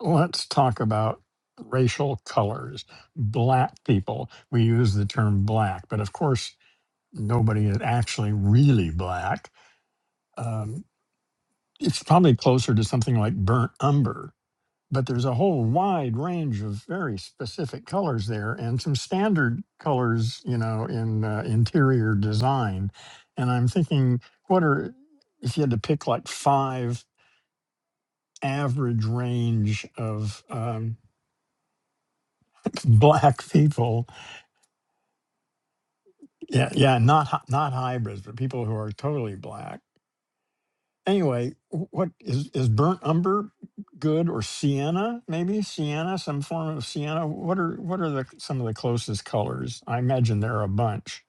Let's talk about racial colors. Black people, we use the term black, but of course, nobody is actually really black. Um, it's probably closer to something like burnt umber, but there's a whole wide range of very specific colors there and some standard colors, you know, in uh, interior design. And I'm thinking, what are, if you had to pick like five average range of um, black people Yeah, yeah, not hy- not hybrids, but people who are totally black. Anyway, wh- what is is burnt umber good or sienna? Maybe sienna, some form of sienna. What are what are the some of the closest colors? I imagine there are a bunch.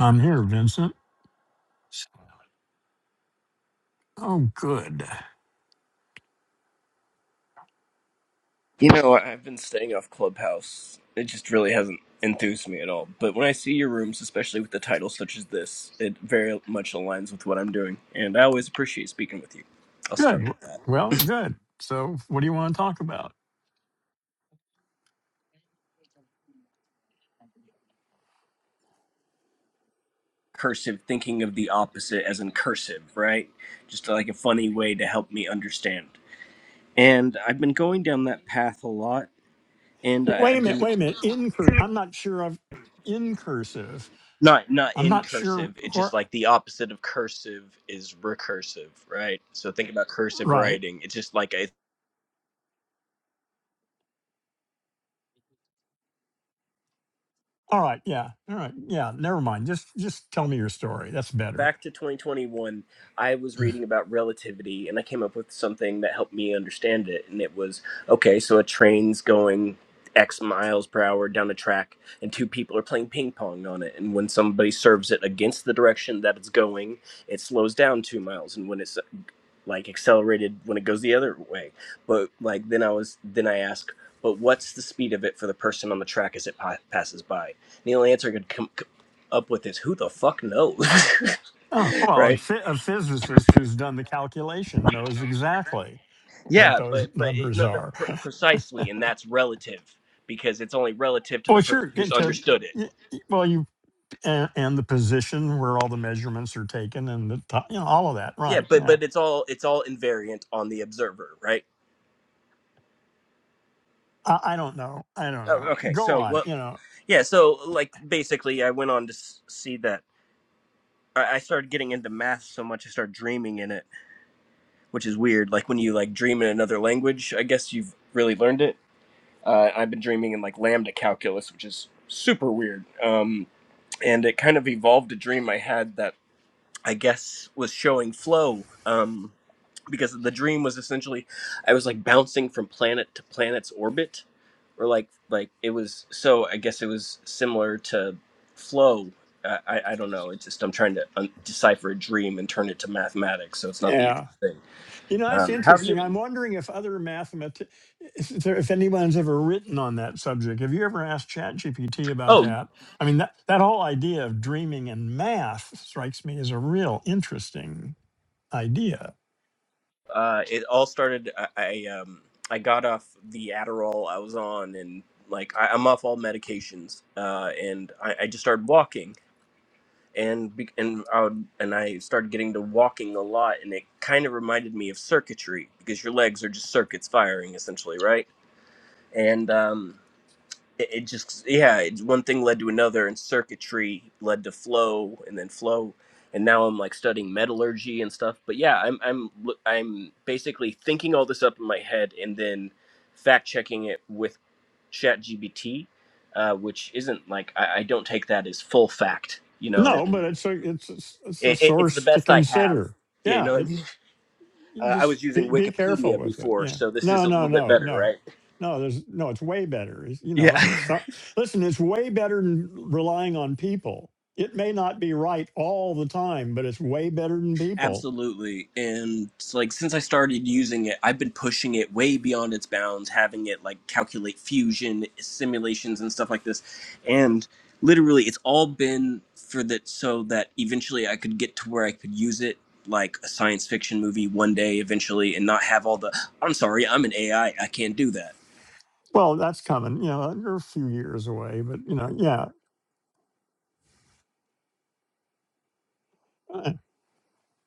I'm here, Vincent. Oh, good, You know, I- I've been staying off Clubhouse. It just really hasn't enthused me at all. But when I see your rooms, especially with the title such as this, it very much aligns with what I'm doing. And I always appreciate speaking with you. I'll good. start W- with that. Well, good. So, what do you want to talk about? Cursive, thinking of the opposite as in cursive, right? Just like a funny way to help me understand. And I've been going down that path a lot. And I- Wait a I've minute, been wait a minute. In cur- I'm not sure of in cursive. not not I'm in not sure cursive. It's just where like the opposite of cursive is recursive, right? So think about cursive right. writing. It's just like All right, yeah. All right. Yeah, never mind. Just just tell me your story. That's better. back to 2021, I was reading about relativity and I came up with something that helped me understand it. And it was okay, so a train's going X miles per hour down a track, and two people are playing ping pong on it. And when somebody serves it against the direction that it's going, it slows down two miles. And when it's like accelerated when it goes the other way. But like then I was then I ask, but what's the speed of it for the person on the track as it pa- passes by? And the only answer I could come c- up with is who the fuck knows, Oh, well, a, right? phy- a physicist who's done the calculation knows exactly what Yeah, those but but it, numbers no, no, are. pre- precisely, and that's relative because it's only relative to the Well, person sure, who's into understood it. well, you and, and the position where all the measurements are taken and the ti- you know all of that, Yeah, right? but Yeah. but it's all it's all invariant on the observer, right? I, I don't know. I don't Oh, know. okay, Go so on, well, you know. yeah, so like basically, I went on to s- see that I started getting into math so much I started dreaming in it, which is weird. Like when you like dream in another language, I guess you've really learned it. Uh, I've been dreaming in like lambda calculus, which is super weird. Um, and it kind of evolved a dream I had that I guess was showing flow um, because the dream was essentially I was like bouncing from planet to planet's orbit or like like it was so I guess it was similar to flow. I, I, I don't know. It's just I'm trying to un- decipher a dream and turn it to mathematics, so it's not the Yeah. easiest thing. You know, that's Um, how have you interesting. I'm been? wondering if other mathemat if, there, if anyone's ever written on that subject. Have you ever asked ChatGPT about Oh, that? I mean, that, that whole idea of dreaming and math strikes me as a real interesting idea. uh, it all started. I, I um I got off the Adderall I was on, and like I, I'm off all medications, uh, and I, I just started walking and be, and I would, and I started getting to walking a lot, and it kind of reminded me of circuitry because your legs are just circuits firing essentially, right? And um, it, it just yeah, it, one thing led to another, and circuitry led to flow, and then flow, and now I'm like studying metallurgy and stuff. But yeah, I'm I'm l- I'm basically thinking all this up in my head, and then fact checking it with ChatGPT, uh, which isn't like I, I don't take that as full fact. You know what I No, but mean? it's a, it's, a, it's a It, it, it's the source to best I have. consider. Yeah, you Yeah, know what it, I mean? Uh, I just was using be, be careful Wikipedia with it. before, Yeah. so this is No, a no, little bit no, better, no. right? No, there's no, it's way better. It's, you Yeah, know, it's not, listen, it's way better than relying on people. It may not be right all the time, but it's way better than people. absolutely. And it's like since I started using it, I've been pushing it way beyond its bounds, having it like calculate fusion simulations and stuff like this. And literally, it's all been for that so that eventually I could get to where I could use it like a science fiction movie one day eventually and not have all the I'm sorry, I'm an AI, I I can't do that. Well, that's coming, you know, you're a few years away, but you know, yeah.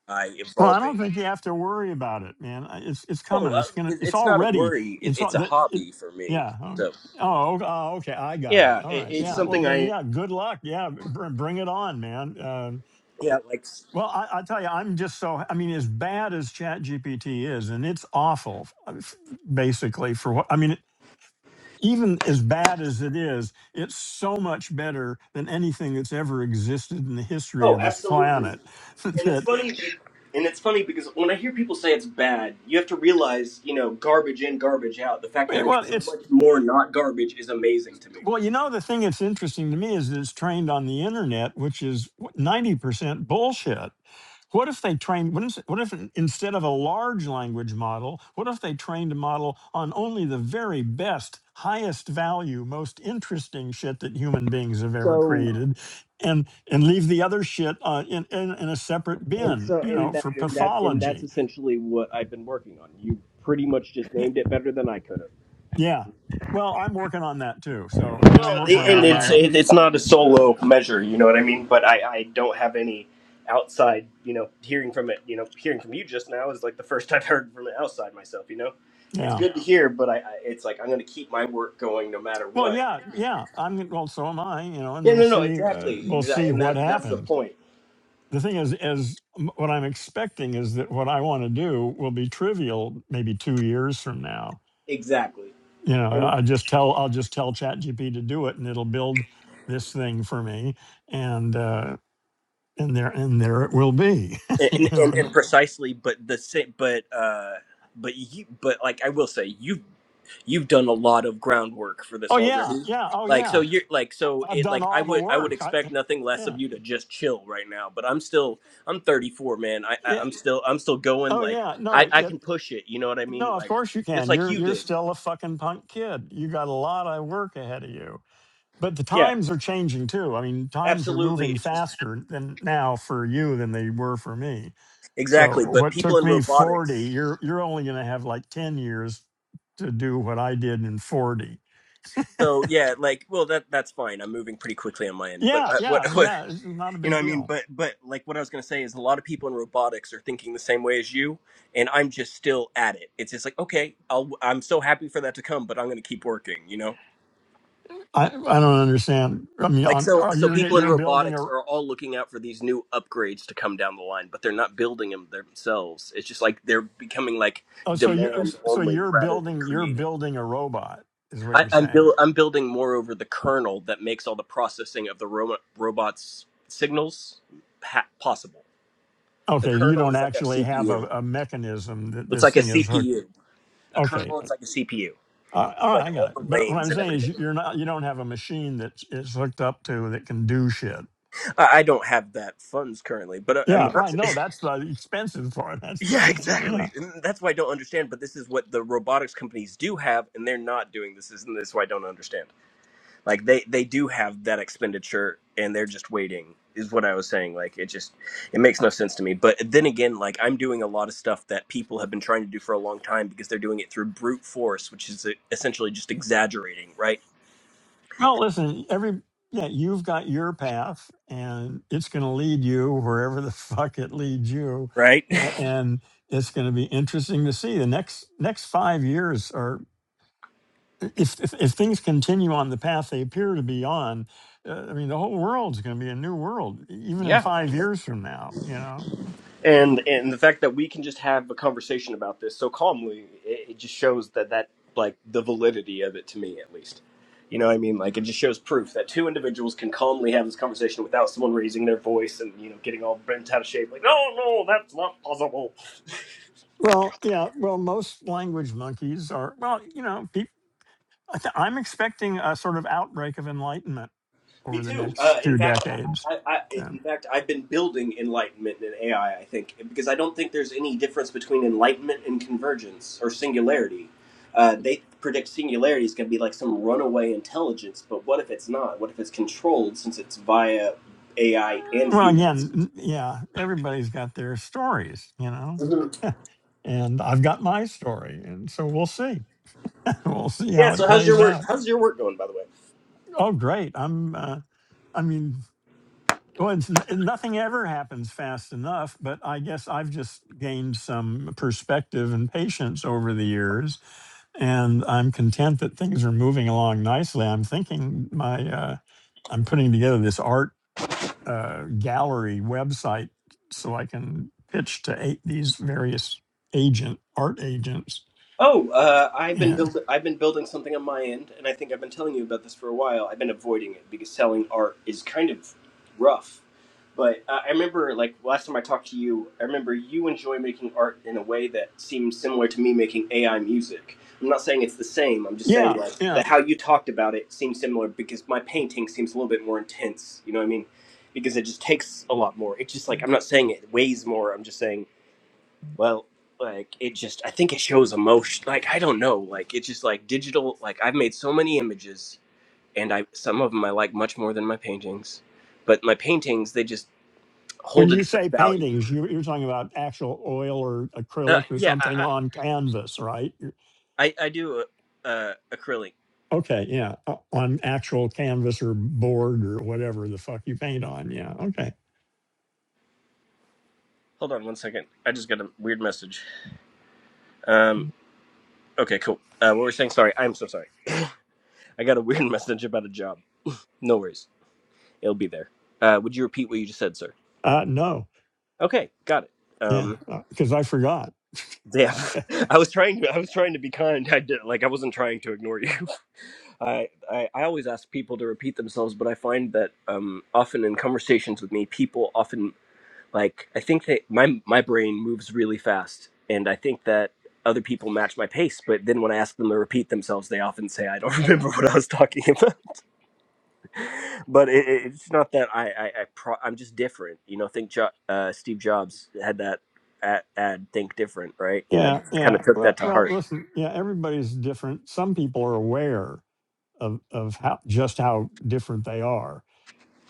I Well, I don't evolving. think you have to worry about it, man. I- It's it's No, coming. It's uh, gonna. it- It's it's not a already. worry. It, It's all it's a that. It, hobby for me. yeah. oh, Okay. So Oh. o- oh, Okay. I got it. yeah, All it, right. it's Yeah. Well, something then. I Yeah. Good luck. Yeah. Br- bring it on, man. Um, yeah like. well, I, I tell you, I'm just so. I mean, as bad as Chat GPT is, and it's awful, uh, f- basically. For what I mean, even as bad as it is, it's so much better than anything that's ever existed in the history of Oh, this absolutely. planet. And it's that funny. be- And it's funny because when I hear people say it's bad, you have to realize, you know, garbage in, garbage out. The fact that well, it's so it's much more not garbage is amazing to me. Well, you know, the thing that's interesting to me is that it's trained on the internet, which is ninety percent bullshit. What if they trained? What if, what if instead of a large language model, what if they trained a model on only the very best, highest value, most interesting shit that human beings have ever So created, and and leave the other shit uh, in, in in a separate and bin, so you and know, that for and that and that's pathology? essentially what I've been working on. You pretty much just Yeah. named it better than I could Yeah. Well, I'm working on that too. So, I mean, I'm have. working on my own. it, it's not a solo measure, you know what I mean? But I, I don't have any outside, you know, hearing from it, you know, hearing from you just now is like the first I've heard from it outside myself, you know? It's Yeah. good to hear, but I, I it's like I'm going to keep my work going no matter Well, what. yeah, yeah. I'm well. So am I. You know, and Yeah, we'll no, no, see. Uh, exactly. we'll see Exactly. And what that, that's the happens. point. The thing is, is m- what I'm expecting is that what I want to do will be trivial. Maybe two years from now. Exactly. You know, I I just tell I'll just tell ChatGPT to do it, and it'll build this thing for me, and uh, and there and there it will be. you and, know. and and And, precisely but the same but uh but you but like i will say you've you've done a lot of groundwork for this oh yeah, already yeah. Oh like so yeah. you're like so I- I've it done like i all the would i would work. I, expect nothing less yeah, of you to just chill right now but i'm still i'm 34 man i, I yeah. i'm still i'm still going Oh like yeah. No. i i yeah, can push it you know what i mean No, of like course you just can. like You're you you're did still a fucking punk kid. You got a lot of work ahead of you. But the yeah times are changing too. I mean, times are absolutely moving it's just faster than now for you than they were for me. So exactly but what people took in me robotics 40, you're you're only going to have like 10 years to do what I did in 40. so yeah like well that that's fine i'm moving pretty quickly on my end but Yeah, uh, what yeah, yeah, it's not a You know big what I mean? deal. But but like what I was gonna say is a lot of people in robotics are thinking the same way as you, and I'm just still at it. It's just like okay, I'll, I'm so happy for that to come, but I'm gonna keep working. You know, I I don't understand. I mean, like on so are so you're people in you're building robotics a are all looking out for these new upgrades to come down the line, but they're not building them themselves. It's just like they're becoming like oh, so you demand so only you're rather than building you're creating. building a robot is what I, you're I'm saying. build I'm building more over the kernel that makes all the processing of the ro- robots signals ha- possible. The Okay, you kernel don't is like a actually have CPU. a, a mechanism that It's this like a thing is hooked. CPU. A Okay, kernel It's like a CPU. uh, all right, I like all got it. the But what I'm lanes and saying is, everything. you- you're not, you don't have a machine that it's hooked up to that can do shit. I, I don't have that funds currently, but I, I'm Yeah, about right. to. No, that's the expensive part. That's the yeah, yeah. exactly. And that's why I don't understand. But this is what the robotics companies do have, and they're not doing this. Isn't this why I don't understand? Like they they do have that expenditure, and they're just waiting. Is what I was saying. Like it just it makes no sense to me. But then again, like I'm doing a lot of stuff that people have been trying to do for a long time because they're doing it through brute force, which is uh, essentially just exaggerating, right? Well, listen, every yeah, you've got your path, and it's going to lead you wherever the fuck it leads you, Right? and, and it's going to be interesting to see the next next five years. are. if, if if things continue on the path they appear to be on, uh, I mean, the whole world's going to be a new world, e- even in Yeah. five years from now. You know. And and the fact that we can just have a conversation about this so calmly, it, it just shows that that like the validity of it to me at least. You know what I mean? Like it just shows proof that two individuals can calmly have this conversation without someone raising their voice and you know getting all bent out of shape. Like Well, yeah. Well, most language monkeys are. Well, you know, peop I th- I'm expecting a sort of outbreak of enlightenment Me over the too. Uh, next in two fact, decades. I, I, Yeah. in fact, I've been building enlightenment in AI. I I think because I don't think there's any difference between enlightenment and convergence or singularity. Uh, they predict singularity is going to be like some runaway intelligence, but what if it's not? What if it's controlled since it's via Uh, AI and Well, again, humans? n- yeah, everybody's got their stories, you know, Mhm. and I've got my story, and so we'll see. we'll see Yeah. how it So how's your plays work? out. How's your work going, by the way? Oh, great! I'm. Uh, I mean. Well, it's, n- nothing ever happens fast enough, but I guess I've just gained some perspective and patience over the years, and I'm content that things are moving along nicely. I'm thinking my, uh, I'm putting together this art uh, gallery website so I can pitch to eight, these various agent art agents. Oh, uh, I've been Yeah, build I've been building something on my end, and I think I've been telling you about this for a while. I've been avoiding it because selling art is kind of rough. But uh, I remember, like last time I talked to you, I remember you enjoy making art in a way that seems similar to me making AI music. I'm not saying it's the same. I'm just yeah, saying like yeah. the how you talked about it seems similar because my painting seems a little bit more intense. You know what I mean? Because it just takes a lot more. It's just like I'm not saying it weighs more. I'm just saying well, like it just I think it shows emotion. Like I don't know, like it's just like digital like I've made so many images and I some of them I like much more than my paintings. But my paintings they just When hold a you different say value. paintings, you, you're talking about actual oil or Uh, acrylic or yeah, something I on canvas, right? I, I I do uh acrylic. Okay, yeah, o- on actual canvas or board or whatever the fuck you paint on. Yeah, okay. Hold on one second. I just got a weird message. Um okay, cool. Uh what were we saying? Sorry. I'm so sorry. I got a weird message about a job. No worries. It'll be there. Uh would you repeat what you just said, sir? Uh, no, Okay, got it. yeah, Um. because I forgot. Damn, I was trying to. I was trying to be kind. I did like I wasn't trying to ignore you. I, I I always ask people to repeat themselves, but I find that um, often in conversations with me, people often like I think that my my brain moves really fast, and I think that other people match my pace. But then when I ask them to repeat themselves, they often say I don't remember what I was talking about but it, it- it's not that I, I, I pro, I'm just different. You know, think jo- uh, Steve Jobs had that ad, ad, think different, right? And I Yeah, kind yeah. of took Well, that to well, heart. listen, yeah, everybody's different. Some people are aware of of how just how different they are.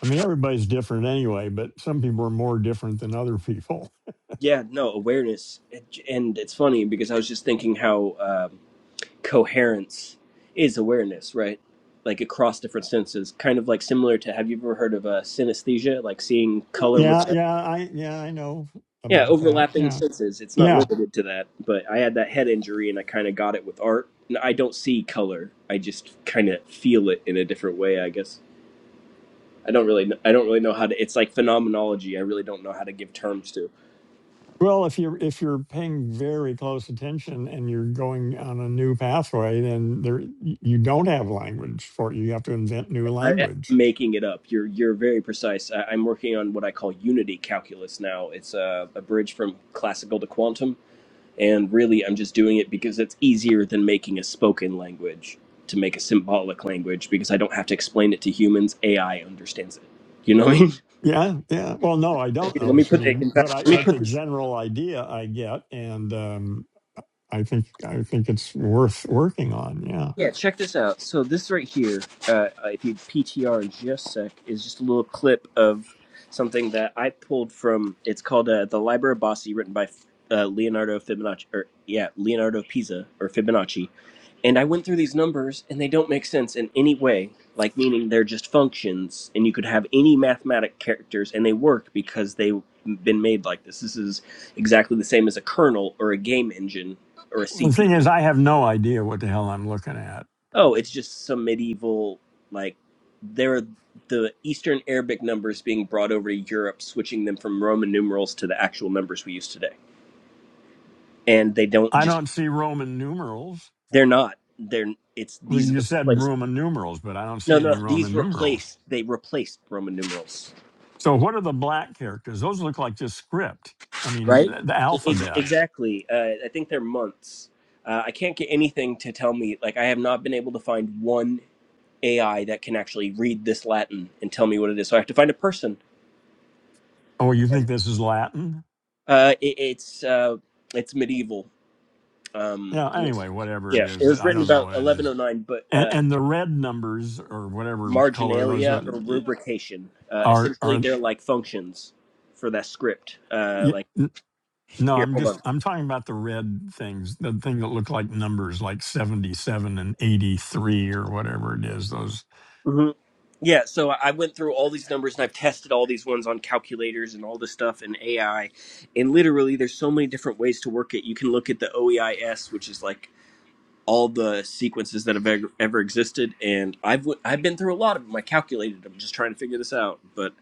I mean, everybody's different anyway, but some people are more different than other people. Yeah, no, awareness. And it's funny because I was just thinking how um, coherence is awareness, right? Like across different senses, kind of like similar to have you ever heard of uh, synesthesia, like seeing color with Yeah, yeah, I yeah, I know Yeah, about that. overlapping Yeah. senses. It's not Yeah. limited to that, but I had that head injury and I kind of got it with art. And I don't see color. I just kind of feel it in a different way, I guess. I don't really kn- I don't really know how to it's like phenomenology. I really don't know how to give terms to. Well, if you're if you're paying very close attention and you're going on a new pathway, then there y- you don't have language for it. You have to invent new I, language. I'm making it up. You're you're very precise. I, I'm working on what I call unity calculus now. It's a, a bridge from classical to quantum And really, I'm just doing it because it's easier than making a spoken language to make a symbolic language because I don't have to explain it to humans. AI understands it. You know what I mean? Yeah, yeah. Well, no, I Here, don't know let me what you put the, mean, in but I fact, let me but put the this general idea I get, and um, I think I think it's worth working on. Yeah. Yeah, check this out. So this right here, uh, if you PTR in just a sec, is just a little clip of something that I pulled from. It's called uh, "The Liber of Bossi," written by uh, Leonardo Fibonacci, or yeah, Leonardo Pisa or Fibonacci. And I went through these numbers, and they don't make sense in any way. Like meaning they're just functions, and you could have any mathematic characters, and they work because they've been made like this. This is exactly the same as a kernel or a game engine or a Well, The thing is, CPU. I have no idea what the hell I'm looking at. Oh, it's just some medieval like there are the Eastern Arabic numbers being brought over to Europe, switching them from Roman numerals to the actual numbers we use today. And they don't I just don't see Roman numerals. they're not they're it's Well, these are you the said replacements. Roman numerals, but I don't No, see no, any these Roman numerals. replace they replaced Roman numerals, So what are the black characters? Those look like just script. I mean, right? the E- alphabet. exactly. Uh, I think they're months. Uh, I can't get anything to tell me like I have not been able to find one AI that can actually read this Latin and tell me what it is. So I have to find a person Oh, you think this is Latin? Uh, it, it's uh, it's medieval. Um, Yeah. it was- Anyway, whatever it yeah, it is, was I written don't know about what it is. 1109, but And, uh, and the red numbers or whatever color those marginalia are or rubrication. Uh, are essentially, are. they're like functions for that script. Uh, like No, here, I'm hold just on. I'm talking about the red things, the thing that look like numbers, like 77 and 83 or whatever it is. Those. hmm Yeah, so I I went through all these numbers and I've tested all these ones on calculators and all this stuff and AI, and literally there's so many different ways to work it. You can look at the OEIS, which is like all the sequences that have ever, ever existed, and I've i I've been through a lot of them. I calculated them, just trying to figure this out. But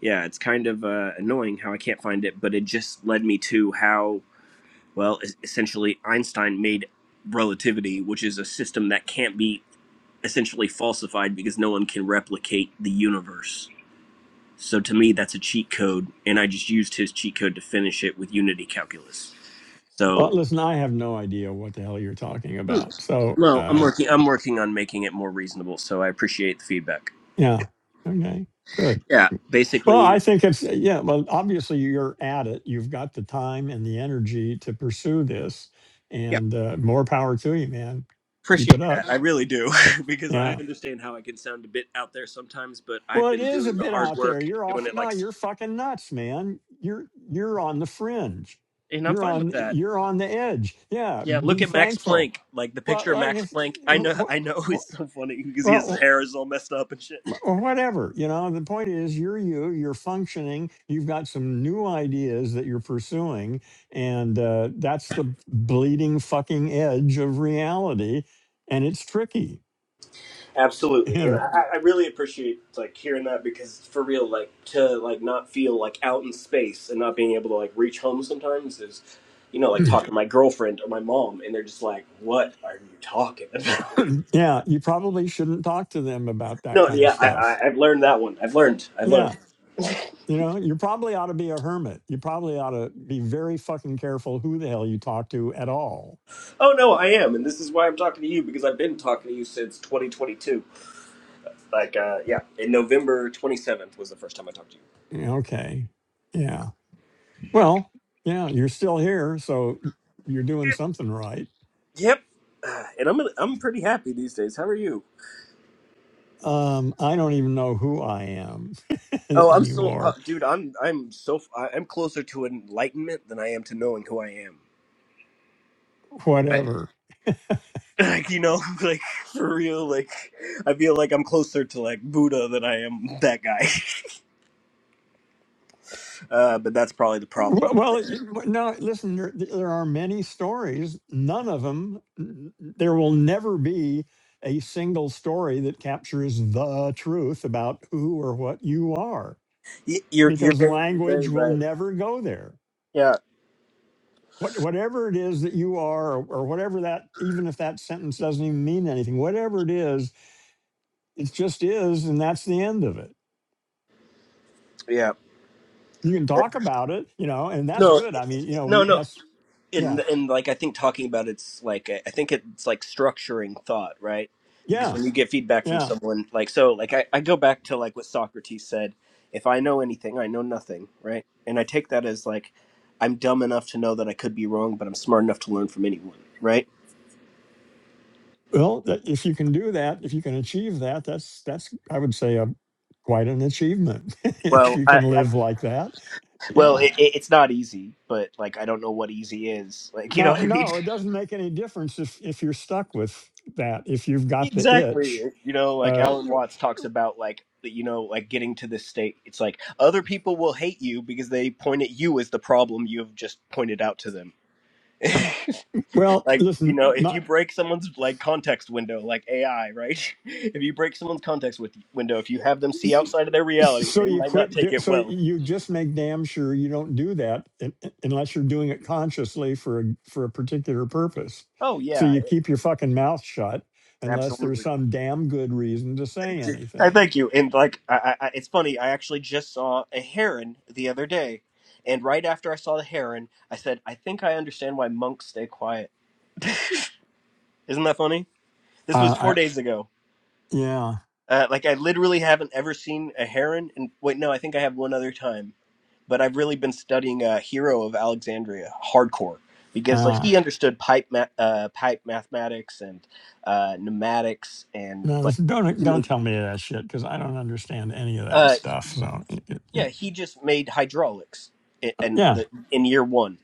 yeah, it's kind of uh, annoying how I can't find it. But it just led me to how well essentially Einstein made relativity, which is a system that can't be essentially falsified because no one can replicate the universe. So to me, that's a cheat code, and I just used his cheat code to finish it with Unity calculus. Well, So listen, I have no idea what the hell you're talking about. So, Well, I'm um, working. I'm working on making it more reasonable. So I appreciate the feedback. yeah. Okay. Good. Yeah, Well, basically, I think it's, yeah, well, obviously you're at it. You've got the time and the energy to pursue this, yeah, and uh, more power to you, man. Keep appreciate it up. that. I really do because I Yeah. understand how I can sound a bit out there sometimes, but Well, I've it been is a doing the bit hard out there. work and You're doing off. it No, like, s- you're fucking nuts, man. You're you're on the fringe. and I'm You're fine with on that. you're on the edge. Yeah, Yeah, be look at Max thankful. Planck. Like the Well, picture of like I Max s- Planck. I know. wh- I know wh- it's wh- so funny because his well, hair is all messed up and shit. or whatever you know the point is you're you you're functioning you've got some new ideas that you're pursuing and uh, that's the bleeding fucking edge of reality and it's tricky Absolutely, and you I, I really appreciate like hearing that because for real, like to like not feel like out in space and not being able to like reach home sometimes is, you know, like know talking to my girlfriend or my mom, and they're just like, "What are you talking about?" yeah you probably shouldn't talk to them about that no, kind of yeah, I, stuff I, I've learned that one. I've learned. I've yeah learned. you know you probably ought to be a hermit you probably ought to be very fucking careful who the hell you talk to at all Oh no, I am, and this is why I'm talking to you because I've been talking to you since 2022. Like, uh, yeah, in November 27th was the first time I talked to Yeah, okay Yeah. Well, yeah, you're still here, so y- you're doing something right. you. Yep, and I'm I'm pretty happy these days. How are you? Um, I don't even know who I am Oh, I'm so, uh, anymore. dude. I'm, I'm so, f- I- I'm closer to enlightenment than I am to knowing who I am. I, Whatever. like, you know, like for real. Like, I feel like I'm closer to like Buddha than I am that guy. Uh, but that's probably the problem Well, right well, there. you- w- no. Listen, there, there are many stories. None of them. There will never be a single story that captures the truth about who or what you are, Y- You're, you're because very, you're language very will right. never go there. Yeah, what, whatever it is that you are, or, or whatever that, even if that sentence doesn't even mean anything, whatever it is, it just is, and that's the end of it. yeah. You can talk about it, you know, and that's No, good. I mean, you know, no, we no. that's and yeah, and like I think talking about it's like I think it's like structuring thought, right? Because yeah, when you get feedback from yeah. someone, like so, like I, I go back to like what Socrates said: if I know anything, I know nothing, right? And I take that as like I'm dumb enough to know that I could be wrong, but I'm smart enough to learn from anyone, right? Well, that, if you can do that, if you can achieve that, that's that's I would say a quite an achievement if Well, you can I, like, live like that. well, Yeah. it, it, it's not easy, but like I don't know what easy is, like you know what No, I mean? no, it doesn't make any difference if if you're stuck with that. If you've got the Exactly. itch, You know, like uh, Alan Watts talks about like you know, like getting to this state. It's like other people will hate you because they point at you as the problem you have just pointed out to them. well, like, you listen, know, if my. you break someone's like context window, like AI, right? If you break someone's context with window, if you have them see outside of their reality, So they you might not quit. take do- it So well. you just make damn sure you don't do that un- unless you're doing it consciously for a, for a particular purpose. Oh So yeah, you keep your fucking mouth shut unless absolutely. there's some damn good reason to say I anything. thank you. And like, I, I, I- it's funny. I actually just saw a heron the other day, and right after I saw the heron, I said, "I think I understand why monks stay quiet." Isn't that funny? This was Uh, four I, days ago. yeah. Uh, like, I literally haven't ever seen a heron. And wait, no, I think I have one other time. But I've really been studying uh, Hero of Alexandria hardcore because like Uh, he understood pipe ma- uh, pipe mathematics and uh, pneumatics and no, this- like don't he don't made. tell me that shit because I don't understand any of that uh, stuff. So y- y- Yeah, y- he just made hydraulics i- uh, and yeah, the in year one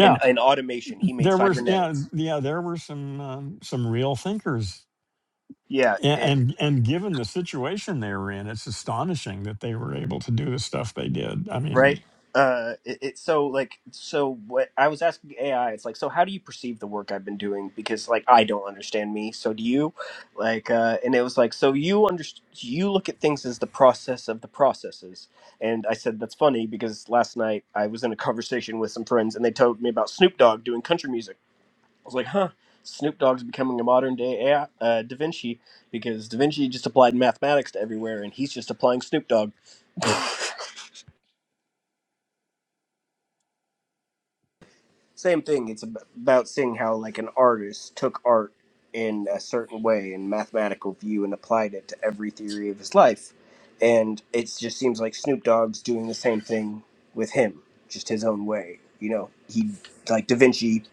in in automation he made There were s- yeah cybernetics. yeah there were some um, some real thinkers Yeah, A- it- and and given the situation they were in, it's astonishing that they were able to do the stuff they did. I right. mean, Uh, it, it so like so what I was asking AI, it's like so how do you perceive the work I've been doing because like I don't understand me, so do you? Like, uh, and it was like so you understand? you look at things as the process of the processes, and I said that's funny because last night I was in a conversation with some friends and they told me about Snoop Dogg doing country music. I was like, huh, Snoop Dogg's becoming a modern day AI, uh, Da Vinci because Da Vinci just applied mathematics to everywhere and he's just applying Snoop Dogg. Same thing. It's ab- about seeing how like an artist took art in a certain way and mathematical view and applied it to every theory of his life. And it just seems like Snoop Dogg's doing the same thing with him, just his own way. You know, he like Da Vinci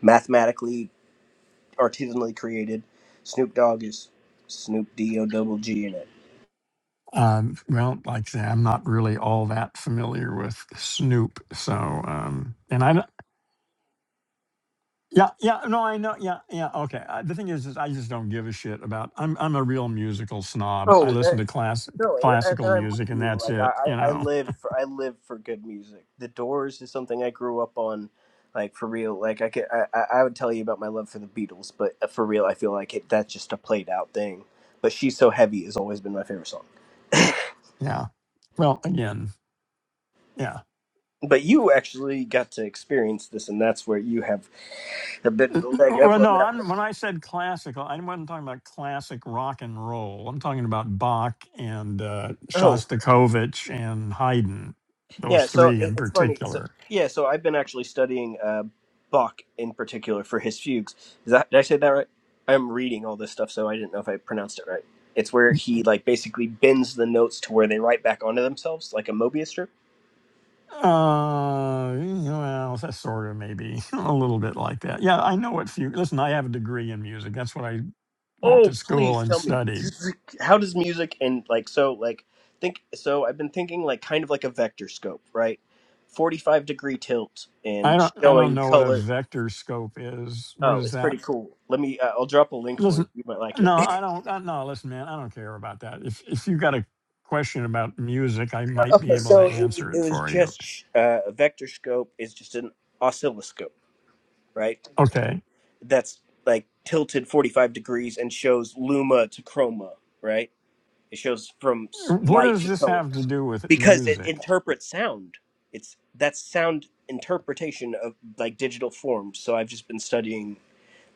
mathematically artisanally created. Snoop Dogg is Snoop D O double G in it. um, well, like I say, I'm not really all that familiar with Snoop, so um, and I don't- yeah yeah no I know yeah yeah okay. Uh, the thing is, is I just don't give a shit about. I'm I'm a real musical snob. Oh I uh, listen to class no, and, and classical and I'm with music and you. that's Like I, it. You I I know. live for I live for good music. The Doors is something I grew up on, like for real. Like I could I I I would tell you about my love for the Beatles, but uh, for real, I feel like it that's just a played out thing. But she's so heavy has always been my favorite song. Yeah. Well, again, yeah. But you actually got to experience this, and that's where you have a bit of a Well, leg up well, on no, that I'm, one. when I said classical, I wasn't talking about classic rock and roll. I'm talking about Bach and uh, Oh, Shostakovich and Haydn, Yeah, those so three it, in it's funny. So particular. yeah, so I've been actually studying uh, Bach in particular for his fugues. Is that did I say that right? I'm reading all this stuff, so I didn't know if I pronounced it right. It's where he like basically bends the notes to where they write back onto themselves, like a Mobius strip. Uh, well, that's sort of maybe a little bit like that. Yeah, I know what fugue. Listen, I have a degree in music. That's what I went Oh, to school please and tell me, studied. how does music and like so like think so? I've been thinking like kind of like a vector scope, right? Forty-five degree tilt I and don't I don't showing know what a color. vector scope is. What Oh, is it's that? pretty cool. Let me. Uh, I'll drop a link for you. Listen, You might like it. no, I don't. uh, No, listen, man, I don't care about that. If if you got a question about music, I might be Okay, able to so it, answer it it was for you. just uh, a vector scope is just an oscilloscope, right? Okay, That's like tilted 45 degrees and shows luma to chroma, right? It shows from s- what light does to this color have to do with because it music? interprets sound. It's that's sound interpretation of like digital forms. So I've just been studying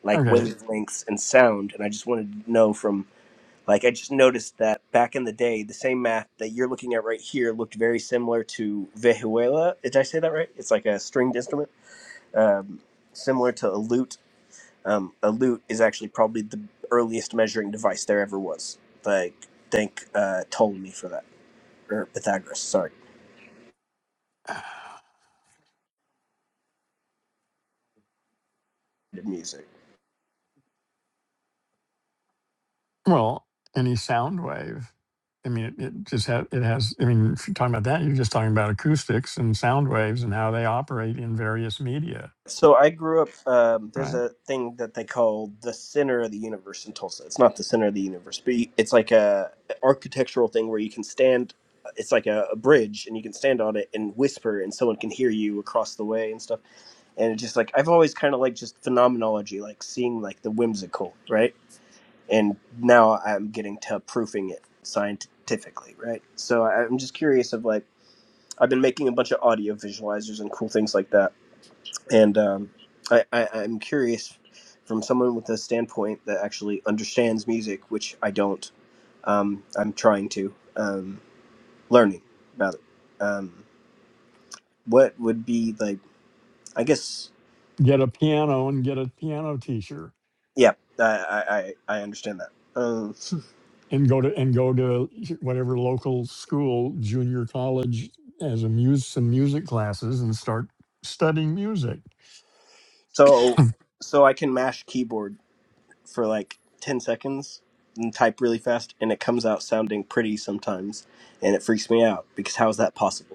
like Okay, wavelengths and sound, and I just wanted to know from like I just noticed that back in the day, the same map that you're looking at right here looked very similar to vehuela. Did I say that right? It's like a stringed instrument, um, similar to a lute. Um, a lute is actually probably the earliest measuring device there ever was. Like thank uh, Ptolemy for that, or Pythagoras. Sorry, did music. well, any sound wave. I mean, it, it just ha- it has. I mean, if you're talking about that, you're just talking about acoustics and sound waves and how they operate in various media, So I grew up. Um, there's right? a thing that they call the center of the universe in Tulsa. It's not the center of the universe, but you- it's like a architectural thing where you can stand. uh, It's like a, a bridge, and you can stand on it and whisper, and someone can hear you across the way and stuff. And it's just like I've always kind of like just phenomenology, like seeing like the whimsical, right? And now I'm getting to proofing it scientifically, right? So I'm just curious of like I've been making a bunch of audio visualizers and cool things like that and um, I, I, I'm curious from someone with a standpoint that actually understands music, which I don't. Um, I'm trying to um, learning about it. Um, what would be like? I guess get a piano and get a piano teacher yeah. I I, I I understand that. Um, and go to and go to whatever local school junior college as a muse some music classes and start studying music so so I can mash keyboard for like ten seconds and type really fast, and it comes out sounding pretty sometimes, and it freaks me out because how is that possible?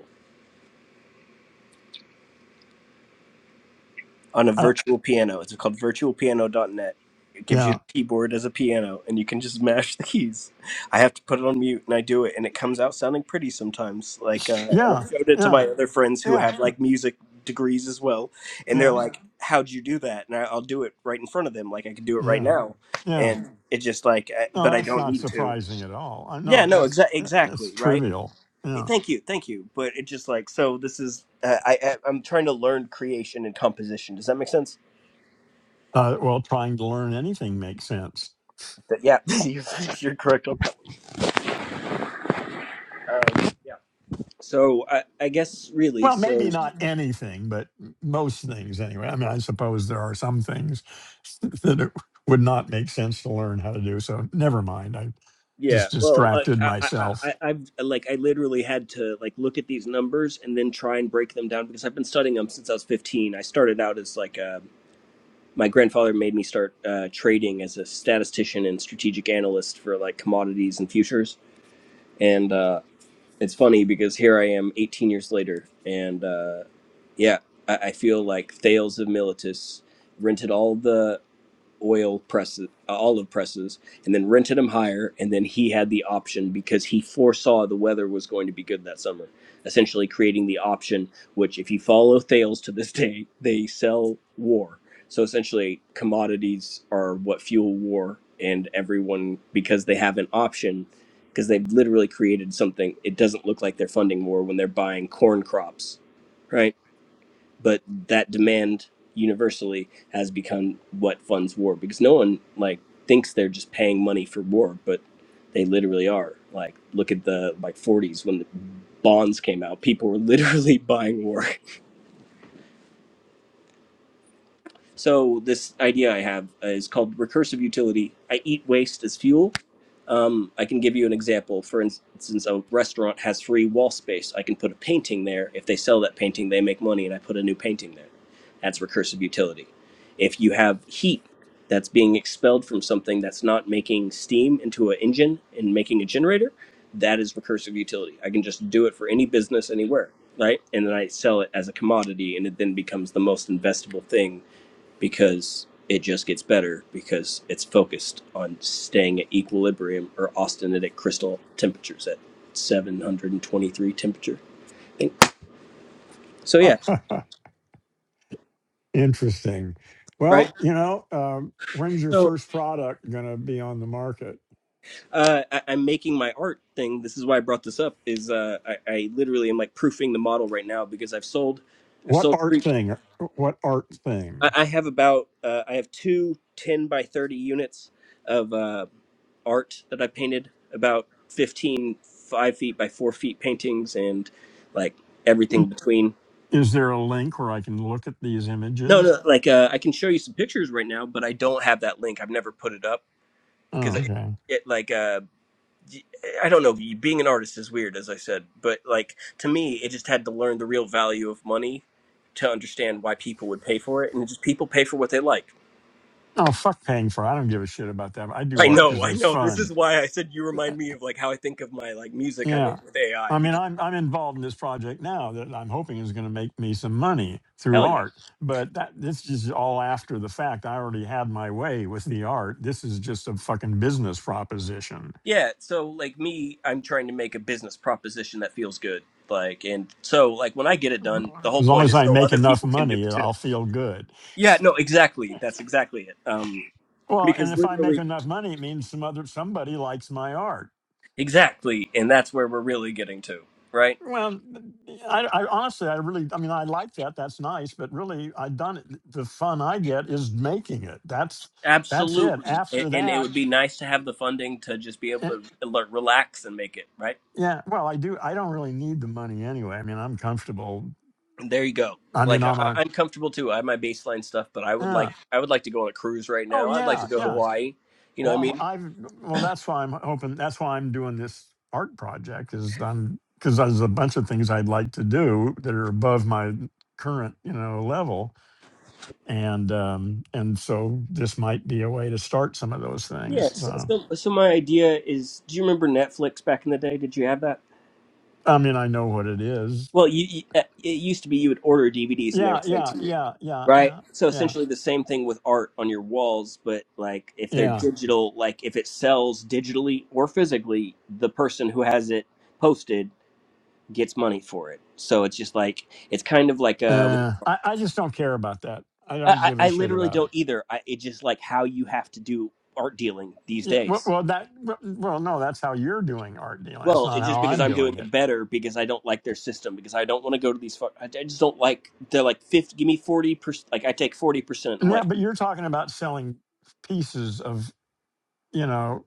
on a uh, virtual piano. It's called virtualpiano.net. It gives you yeah the keyboard as a piano and you can just mash the keys. I have to put it on mute and I do it and it comes out sounding pretty sometimes. Like sh- uh, and i yeah showed it to yeah my other friends who yeah have like music degrees as well and they're yeah like how'd you do that and I, i'll do it right in front of them like i could do it right yeah now yeah and it just like I, no but i that's don't not need to surprising at all uh, no yeah no that's exa- that's exactly right trivial hey, yeah thank you, thank you. But it just like so. This is uh, I, I I'm trying to learn creation and composition. Does that make sense? uh, well trying to learn anything makes sense That, yeah, you- you're correct. Um, yeah. So I, I guess really, Well, so maybe not anything, but most things anyway. I mean, I suppose there are some things that it would not make sense to learn how to do. So never mind. I yeah. just Well, like distracted I, I, myself. I, I've like I literally had to like look at these numbers and then try and break them down because I've been studying them since I was 15. I started out as like uh, my grandfather made me start uh, trading as a statistician and strategic analyst for like commodities and futures. And uh, it's funny because here I am 18 years later, and uh, yeah, I, I feel like Thales of Miletus rented all the oil presses, uh, olive presses, and then rented them higher. And then he had the option because he foresaw the weather was going to be good that summer, essentially creating the option, which, if you follow Thales to this day, they sell war. So essentially, commodities are what fuel war, and everyone, because they have an option, because they've literally created something, it doesn't look like they're funding war when they're buying corn crops, right? but that demand universally has become what funds war because no one like thinks they're just paying money for war but they literally are like look at the like 40s when the bonds came out people were literally buying war so this idea i have uh, is called recursive utility i eat waste as fuel Um, I can give you an example. For instance, a restaurant has free wall space. I can put a painting there. If they sell that painting, they make money, and I put a new painting there. That's recursive utility. If you have heat that's being expelled from something that's not making steam into an engine and making a generator, that is recursive utility. I can just do it for any business anywhere, right? And then I sell it as a commodity, and it then becomes the most investable thing because it just gets better because it's focused on staying at equilibrium or austenitic crystal temperatures at 723 temperature. I think. So yeah, Interesting. right. Well, you know, um, when's your So first product going to be on the market? uh, I, I'm making my art thing. This is why I brought this up. Is uh, I, I literally am like proofing the model right now because I've sold, I've What sold art three. thing? uh, What art I, thing? I have about uh, I have two 10 by 30 units of uh, art that I painted about fifteen five feet by four feet paintings and like everything I- between. Is there a link where I can look at these No, images? no, like uh, I can show you some pictures right now, but I don't have that link. I've never put it up because Oh, it, okay. it like uh, y- I don't know. Being an artist is weird, as I said, but like to me, it just had to learn the real value of money to understand why people would pay for it, and just people pay for what they like. Oh, fuck paying for. it. I don't give a shit about that. I do I art know, because I it's know. This fun. is why I said you Uh, remind me of like how I think of my like music I Yeah. make with AI I mean, because I'm I'm involved in this project now that I'm hoping is going to make me some money through hell yeah. art. But that this is all after the fact. I already had my way with the art. This is just a fucking business proposition. Yeah, so like me, I'm trying to make a business proposition that feels good. Like, and so like when I get it done, the whole As long point as is I so make other enough people can do money, it too. I'll feel good. Yeah, no, exactly. That's exactly it. Um, Well, and because if I make literally, enough money, it means some other somebody likes my art. exactly, and that's where we're really getting to, right? Well, I, I honestly, I really, I mean, I like that. That's nice, but really, I done it. The fun I get is making it. That's that's it. Absolutely. And, After and it that, would be nice to have the funding to just be eh, able to l- relax and make it right. yeah. Well, I do. I don't really need the money anyway. I mean, I'm comfortable. And there you go. I mean, Like I, I'm I- on. I'm comfortable too. I have my baseline stuff, but I would Yeah. like I would like to go on a cruise right Oh now. I'd like yeah, to go to yeah. Hawaii. You know what I mean? Well, I've. Well, that's why I'm hoping. That's why I'm doing this art project. Is I'm because there's a bunch of things I'd like to do that are above my current, you know, level and um, and so this might be a way to start some of those things. Yes. So So, so so my idea is, do you remember Netflix back in the day? Did you have that? I mean, I know what it is. Well, you, you uh, it used to be you would order DVDs and they were Yeah, sent yeah, to you, yeah, yeah, right? yeah, So yeah, essentially the same thing with art on your walls, but like if they're yeah. digital, like if it sells digitally or physically, the person who has it posted gets money for it. So it's just like it's kind of like a Uh, I I just don't care about that. I don't I, give I a I shit literally about don't it. either. I, it just like how you have to do art dealing these Yeah. Well, days. well that well, well, no, that's how you're doing art dealing. That's Well, not it's just how because I'm I'm doing doing it. it better because I don't like their system because I don't want to go to these. Far- I, I just don't like. They're like fifty. Give me forty percent. Like I take forty percent. I'm Yeah, like, but you're talking about selling pieces of you know,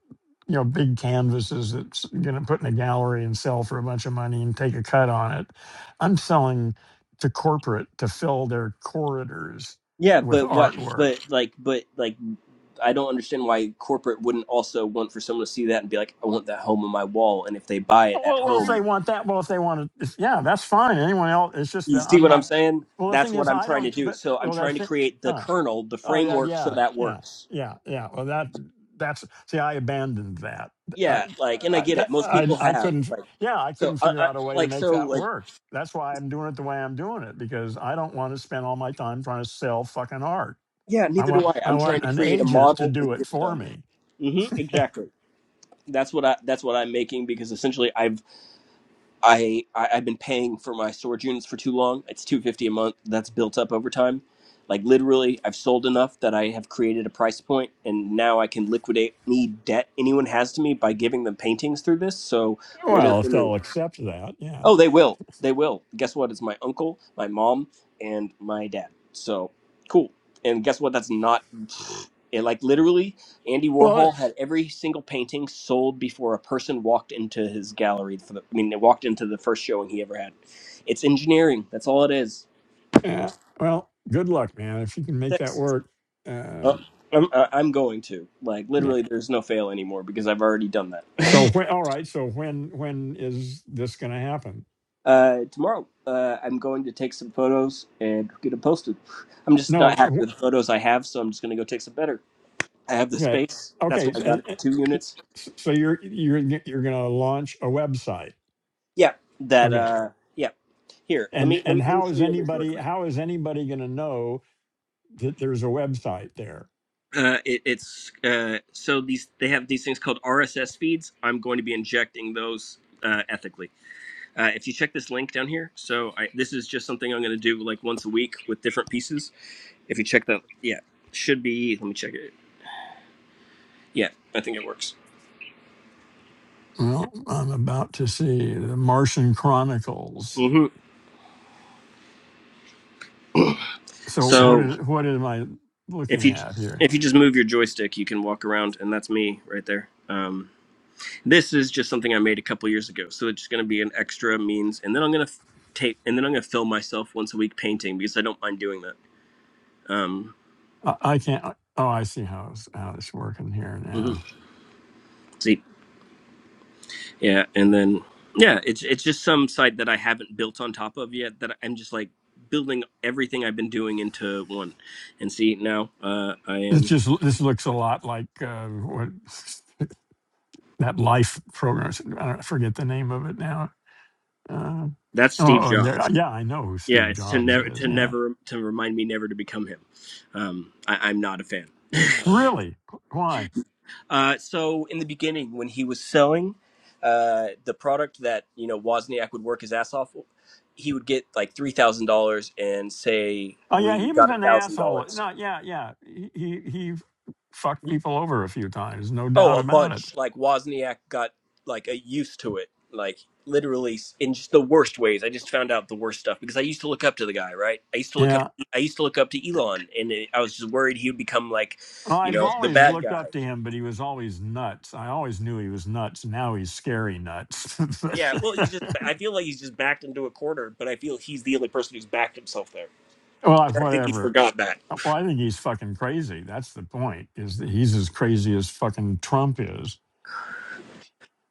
you know, big canvases that's going to put in a gallery and sell for a bunch of money and take a cut on it. I'm selling to corporate to fill their corridors yeah, with but what? artwork. But like, but like, I don't understand why corporate wouldn't also want for someone to see that and be like, I want that home on my wall. And if they buy Oh, it at well, well, if they home, want that, well, if they want to, if, yeah, that's fine. Anyone else? It's just you that see I'm what I'm not. saying? Well, the That's thing what is, I'm I trying to don't. do. But So I'm well, trying that's to create the it. kernel, the Oh yeah, framework, so yeah, that yeah, works. yeah, yeah. Well, that that's see, I abandoned that. I Yeah, like, and I I get it. that, Most I, people I have couldn't. like Yeah, I so. couldn't I, figure I out a way to like make so that like. work. That's why I'm doing it the way I'm doing it because I don't want to spend all my time trying to sell fucking art. Yeah, I neither do want I. I I'm trying want to an create a agent to model and do it get it for done. me. hmm exactly. That's what I. That's what I'm making because essentially I've I, I I've been paying for my storage units for too long. It's two fifty a month. That's built up over time. Like literally, I've sold enough that I have created a price point, and now I can liquidate any debt anyone has to me by giving them paintings through this. So winner Well, for if me. they'll accept that, yeah. Oh, they will. They will. Guess what? It's my uncle, my mom, and my dad. So cool. And guess what? That's not. It, like literally, Andy Well, it- Warhol had every single painting sold before a person walked into his gallery. For the, I mean, they walked into the first showing he ever had. It's engineering. That's all it is. yeah. Well, good luck, man. If you can make that Six. work. Uh, Um, I'm, uh, I'm going to like yeah. literally. There's no fail anymore because I've already done that. So when, all right. So when when is this going to happen? Uh, tomorrow, uh, I'm going to take some photos and get them posted. I'm just not happy No. with the photos I have, so I'm just going to go take some better. I have the Okay. space. That's why Okay. I So, got and- it, and two y- units. s- so you're you're g- you're going to launch a website. Yeah, that. Okay. Uh, yeah. Here, let And me let and me, let me how show is you a link really anybody quick. how is anybody going to know that there's a website there? Uh, it, it's uh, so these they have these things called RSS feeds. I'm going to be injecting those uh, ethically. Uh, if you check this link down here, so I, this is just something I'm going to do like once a week with different pieces. If you check that, yeah, should be. Let me check it. Yeah, I think it works Well, I'm about to see the Martian Chronicles. hmm So what So is what am I if looking you at here? if you just move your joystick, you can walk around, and that's me right there. Um, this is just something I made a couple years ago, so it's going to be an extra means, and then I'm going to tape, and then I'm going to film myself once a week painting because I don't mind doing that. Um, I, I can't. Oh, I see how it's how it's working here mhm. now. See, yeah, and then yeah, it's it's just some site that I haven't built on top of yet that I'm just like building everything I've been doing into one. And see, now uh, I It am. just this looks a lot like uh, what that life program. I don't I forget the name of it now Uh, That's oh, Steve oh, and there, Jobs. yeah, I know who Yeah, Steve it's to Jobs never is. to Yeah, never to remind me never to become him. Um, I, I'm not a fan. really? Why? Uh, so in the beginning, when he was selling uh, the product that you know Wozniak would work his ass off, he would get like three thousand dollars and say Oh, yeah, we he was got a an thousand asshole. dollars. No, yeah, yeah, he he, he fucked people over a few times, no Oh, doubt a about it. bunch. Like Wozniak got like a used to it, like literally in just the worst ways. I just found out the worst stuff because I used to look up to the guy, right? I used to look up. Yeah. I used to look up to Elon, and I was just worried he would become like, Well, you I've know, the always bad looked guy. up to him, but he was always nuts. I always knew he was nuts. Now he's scary nuts. But- Yeah, well, he's just. I feel like he's just backed into a corner, but I feel he's the only person who's backed himself there. well, I think he whatever. forgot that. Uh, Well, I think he's fucking crazy. That's the point. Is that he's as crazy as fucking Trump is.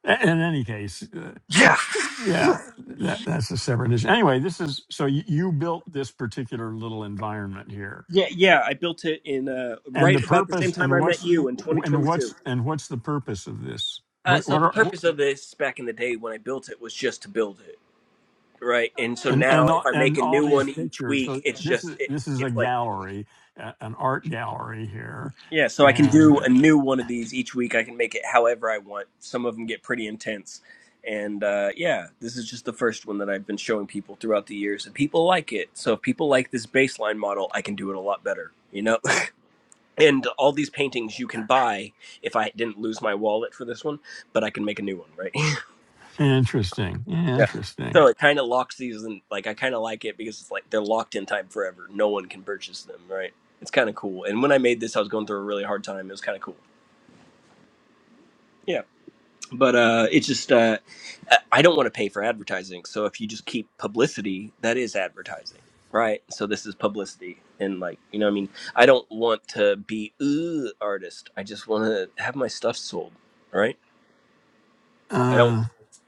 A- In any case, uh, Yeah. Yeah, that, that's a separate issue. Anyway, this is so you, you built this particular little environment here, Yeah, yeah. I built it in uh, and the right about the same purpose, time and I met what's, you in and what's, 2022. and what's the purpose of this? Uh, What, so what the are, purpose of this back in the day when I built it was just to build it, right? And so and now and if all, I make and a all new these one each pictures. week, So it's this just is it, this is a it's like. gallery, a- an art gallery here, Yeah, so I can do a and new one of these each week. I can make it however I want. Some of them get pretty intense. And uh, yeah, this is just the first one that I've been showing people throughout the years, and people like it. So if people like this baseline model, I can do it a lot better, you know? And all these paintings you can buy if I didn't lose my wallet for this one, but I can make a new one, right? interesting, Yeah. interesting. So it kind of locks these in, like, I kind of like it because it's like they're locked in time forever. No one can purchase them, right? It's kind of cool. And when I made this, I was going through a really hard time. It was kind of cool. Yeah. but uh it's just uh i don't want to pay for advertising so if you just keep publicity that is advertising right so this is publicity and like you know what i mean i don't want to be ooh artist i just want to have my stuff sold right i don't Uh,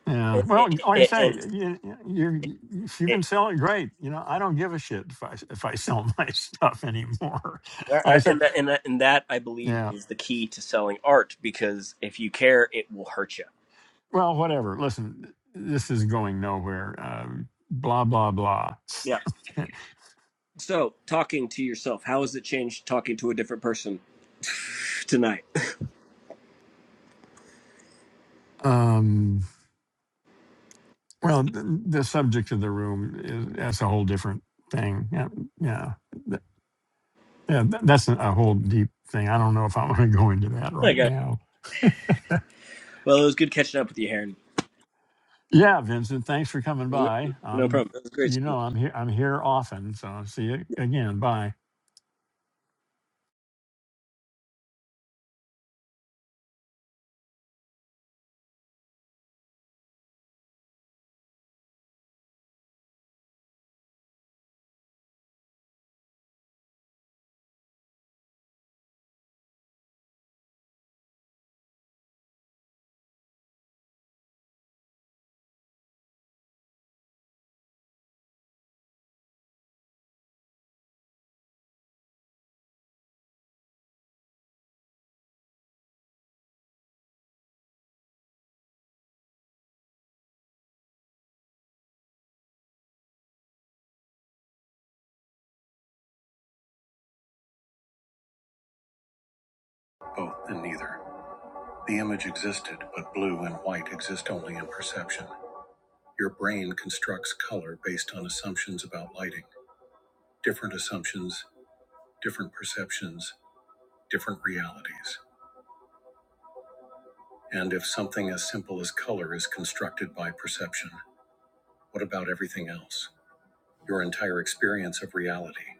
yeah. and Well, like I and, and, say, and you, you if you can sell it, great. You know, I don't give a shit if I if I sell my stuff anymore. I say, and that, and, that, and that I believe yeah. is the key to selling art because if you care, it will hurt you. Well, whatever. Listen, this is going nowhere. Um, blah blah blah. Yeah. So, talking to yourself, how has it changed talking to a different person tonight? um. Well, the, the subject of the room is that's a whole different thing. Yeah. Yeah. Th- Yeah. th- That's a a whole deep thing. I don't know if I want to go into that I right got now. well. It was good catching up with you, Heron. Yeah, Vincent, thanks for coming No, by. no Um, problem. That was great. you know, I'm here. I'm here often, so I'll see you again. Bye. Both and neither. The image existed, but blue and white exist only in perception. Your brain constructs color based on assumptions about lighting. Different assumptions, different perceptions, different realities. And if something as simple as color is constructed by perception, what about everything else? Your entire experience of reality,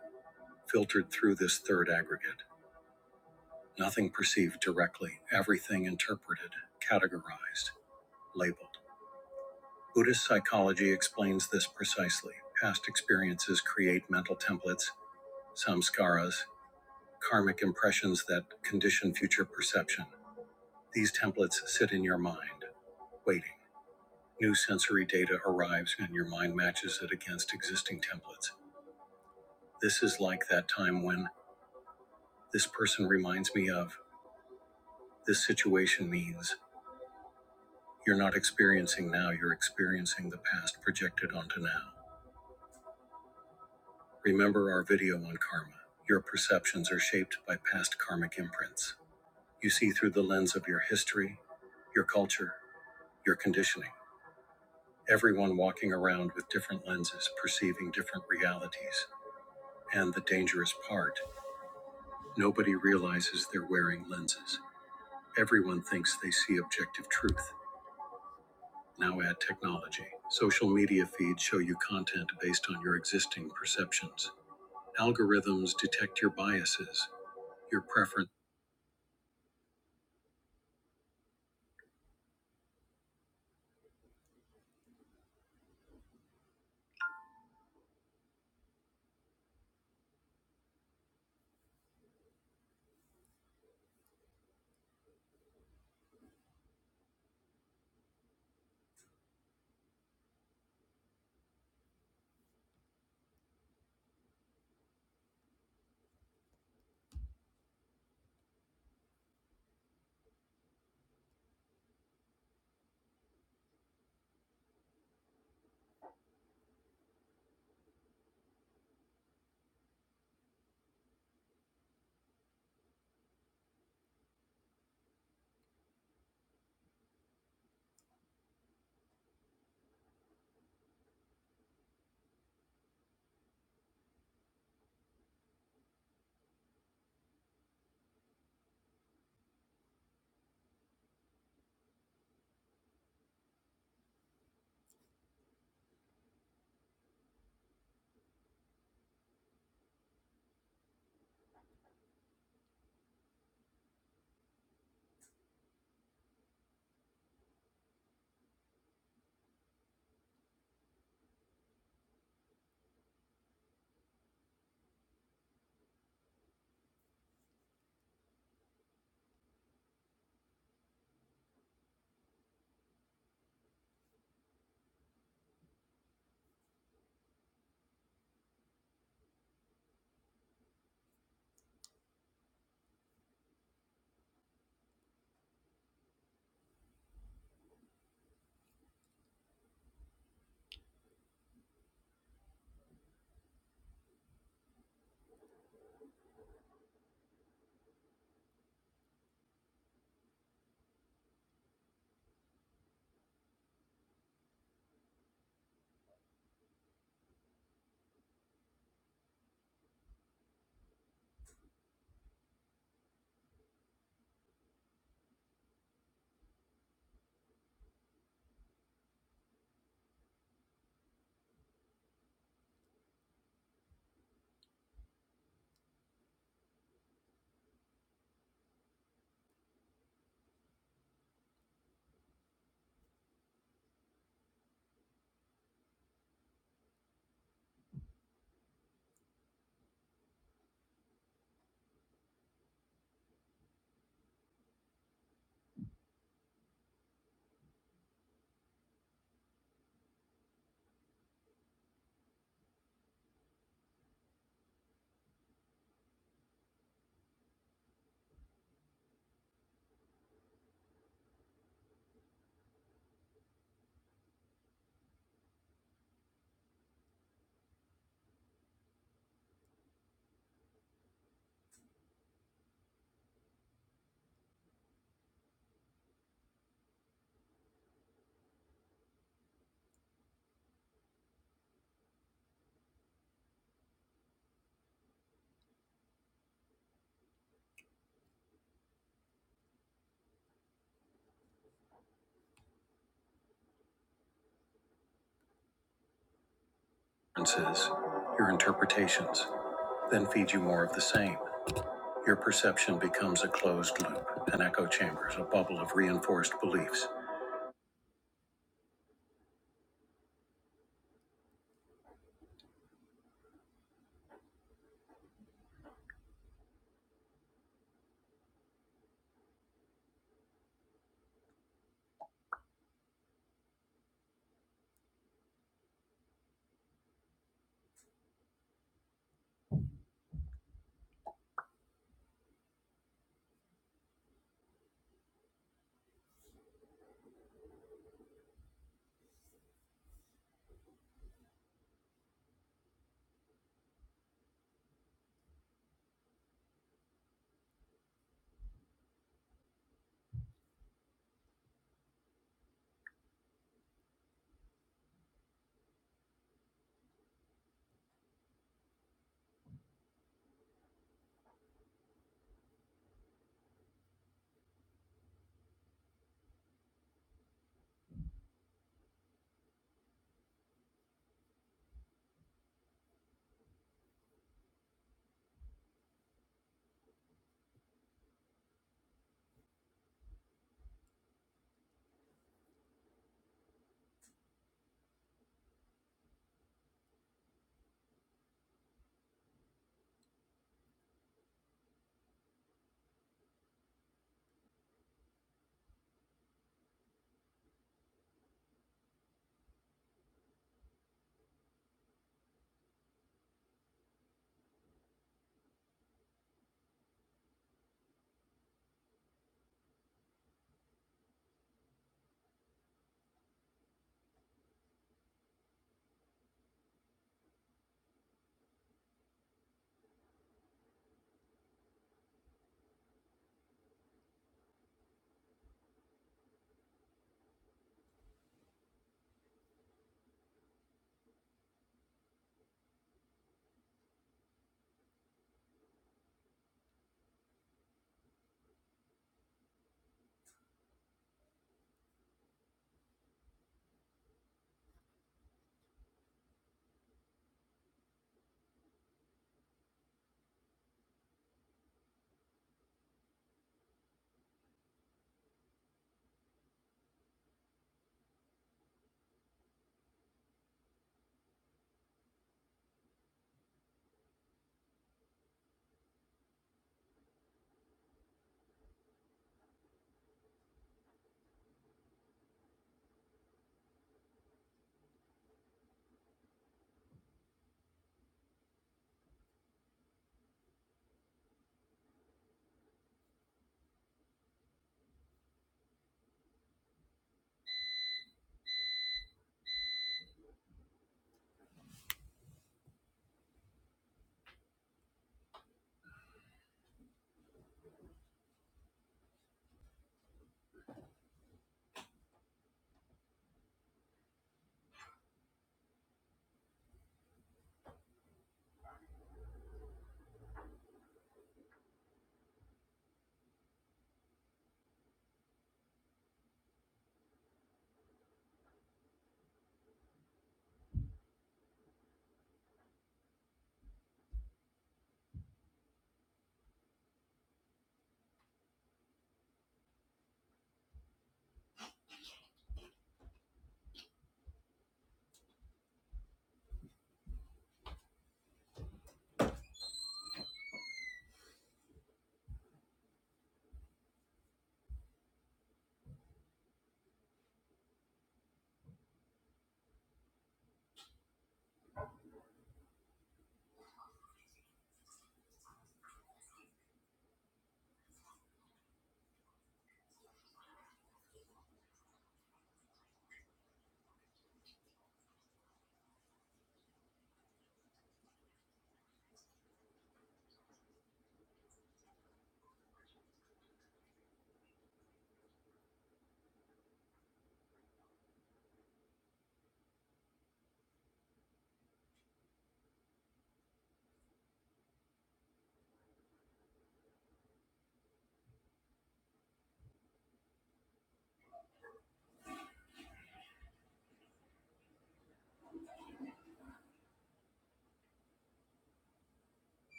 filtered through this third aggregate. Nothing perceived directly, everything interpreted, categorized, labeled. Buddhist psychology explains this precisely. Past experiences create mental templates, samskaras, karmic impressions that condition future perception. These templates sit in your mind, waiting. New sensory data arrives and your mind matches it against existing templates. This is like that time when this person reminds me of, this situation means, You're not experiencing now, you're experiencing the past projected onto now. Remember our video on karma. Your perceptions are shaped by past karmic imprints. You see through the lens of your history, your culture, your conditioning. Everyone walking around with different lenses, perceiving different realities. And the dangerous part nobody realizes they're wearing lenses. Everyone thinks they see objective truth. Now add technology. Social media feeds show you content based on your existing perceptions. Algorithms detect your biases, your preferences, your interpretations, then feed you more of the same. Your perception becomes a closed loop, an echo chamber, a bubble of reinforced beliefs.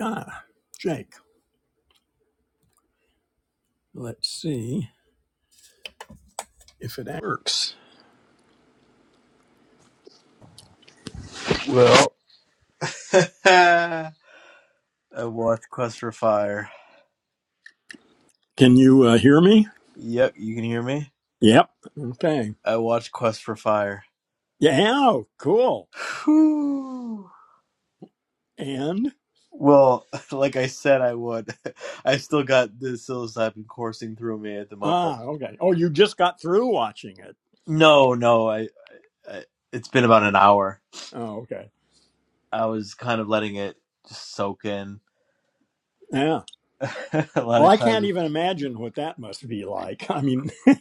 Ah, Jake, let's see if it works. Well, I watched Quest for Fire. Can you uh, hear me? Yep, you can hear me. Yep. Okay. I watched Quest for Fire. Yeah, oh, cool. Whew. And? Well, like I said, I would. I still got the psilocybin coursing through me at the moment. Ah, okay. Oh, you just got through watching it. No, no, I, I. It's been about an hour. Oh, okay. I was kind of letting it just soak in. Yeah. a lot Well, of I can't times. even imagine what that must be like. I mean,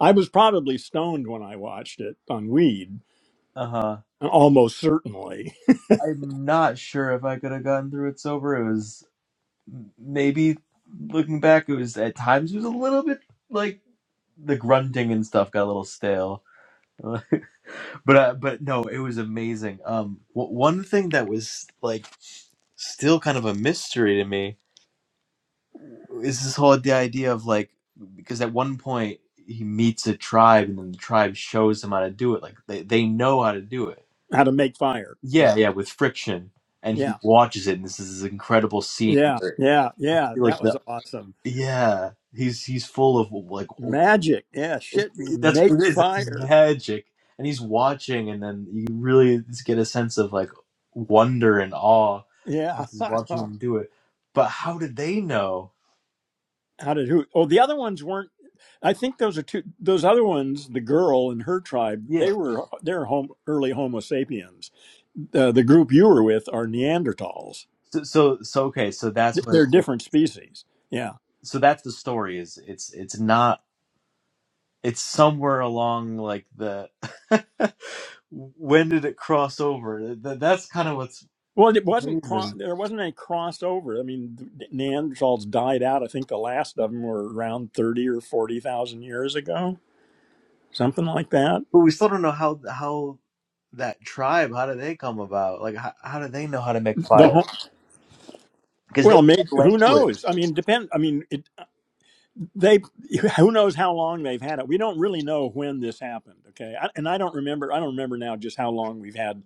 I was probably stoned when I watched it on weed, Uh huh. almost certainly. I'm not sure if I could have gotten through it sober. It was. maybe looking back, it was at times it was a little bit like the grunting and stuff got a little stale. but uh, but no, it was amazing. Um, w- one thing that was like still kind of a mystery to me is this whole the idea of like because at one point he meets a tribe and then the tribe shows him how to do it. Like they they know how to do it. How to make fire. Yeah, Yeah. yeah, with friction. And he Yeah. watches it, and this is this incredible scene Yeah. where Yeah. Yeah. like That was the awesome. yeah he's he's full of like Magic. Yeah. It- Shit. it- That's what Make it is. It's his fire. magic. And he's watching, and then you really just get a sense of like wonder and awe Yeah. as he's watching How him do it. But how did they know? did who? Oh, the other ones weren't. I think those are two. Those other ones, the girl and her tribe, Yeah. they were they're home early Homo sapiens. Uh, the group you were with are Neanderthals. So so so okay. So that's Th- what. They're It, different species. Yeah. so that's the story. Is it's it's not. It's somewhere along like the. when did it cross over? That, that's kind of what's Well, it wasn't cro- amazing. there wasn't any crossover. I mean, th- Neanderthals died out. I think the last of them were around thirty or forty thousand years ago, something like that. But we still don't know how how that tribe. How did they come about? Like how how do they know how to make The fire? whole, because they well, had maybe, who language. knows? I mean, depend. I mean, it, they who knows how long they've had it. We don't really know when this happened. Okay, I, and I don't remember. I don't remember now just how long we've had.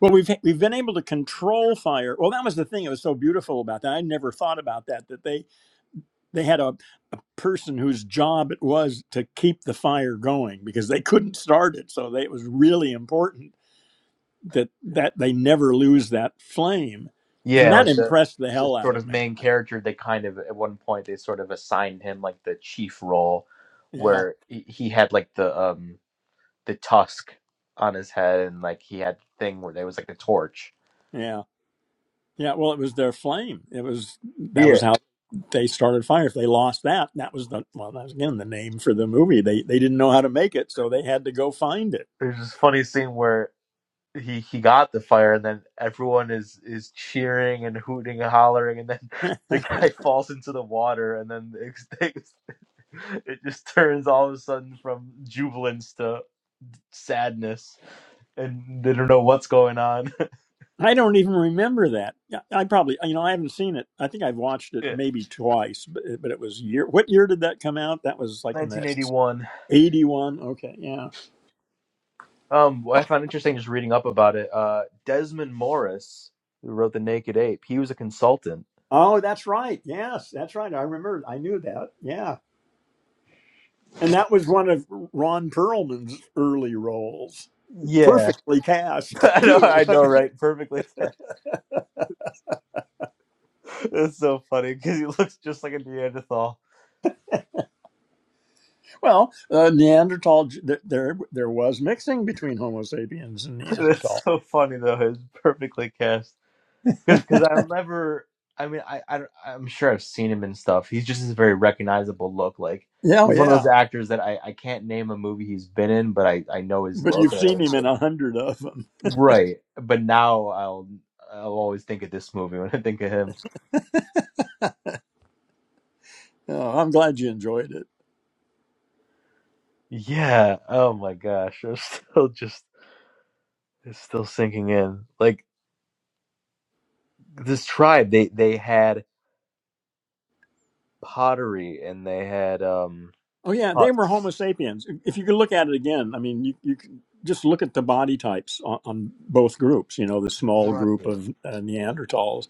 Well, we've we've been able to control fire. Well, that was the thing. It was so beautiful about that. I never thought about that. That they They had a, a person whose job it was to keep the fire going because they couldn't start it. So they, it was really important that that they never lose that flame, and Yeah, that like the, impressed the the hell out sort of of me. main character. They kind of at one point they sort of assigned him like the chief role, Yeah, where he, he had like the um the tusk on his head and like he had the thing where there was like a torch. yeah, yeah. Well, it was their flame. It was that was Yeah, how they started fire. If they lost that, that was the well, that was again the name for the movie. They they didn't know how to make it, so they had to go find there's this funny scene where he he got the fire and then everyone is is cheering and hooting and hollering and then it. the guy falls into the water and then it, it just turns all of a sudden from jubilance to sadness and they don't know what's going on. I don't even remember that. Yeah, I probably, you know, I haven't seen it. I think I've watched it Yeah. maybe twice, but but it was year. What year did that come out? That was like in the 1981. eighty-one. Okay, yeah. Um, what I found interesting just reading up about it. Uh, Desmond Morris, who wrote The Naked Ape, he was a consultant. Oh, that's right. Yes, that's right. I remember. I knew that. Yeah, and that was one of Ron Perlman's early roles, Yeah, perfectly cast I know, too. I I know, mean, right? Perfectly. It's so funny because he looks just like a Neanderthal. well, uh, Neanderthal. th- There, there was mixing between Homo sapiens and It's Neanderthal. so funny though. It's perfectly cast. because I'll never. I mean, I, I I'm sure I've seen him in stuff. He's just a very recognizable look. Like Yeah, oh, he's one of yeah. those actors that I, I can't name a movie he's been in, but I, I know his But look you've and I know seen his him face. in a hundred of them. Right, but now I'll I'll always think of this movie when I think of him. Oh, I'm glad you enjoyed it. Yeah. Oh my gosh, I'm still just it's still sinking in. Like this tribe, they they had pottery and they had um Oh yeah, they were huts. Homo sapiens. If you could look at it again, I mean, you you could just look at the body types on, on both groups. You know, the small group Right. of uh, Neanderthals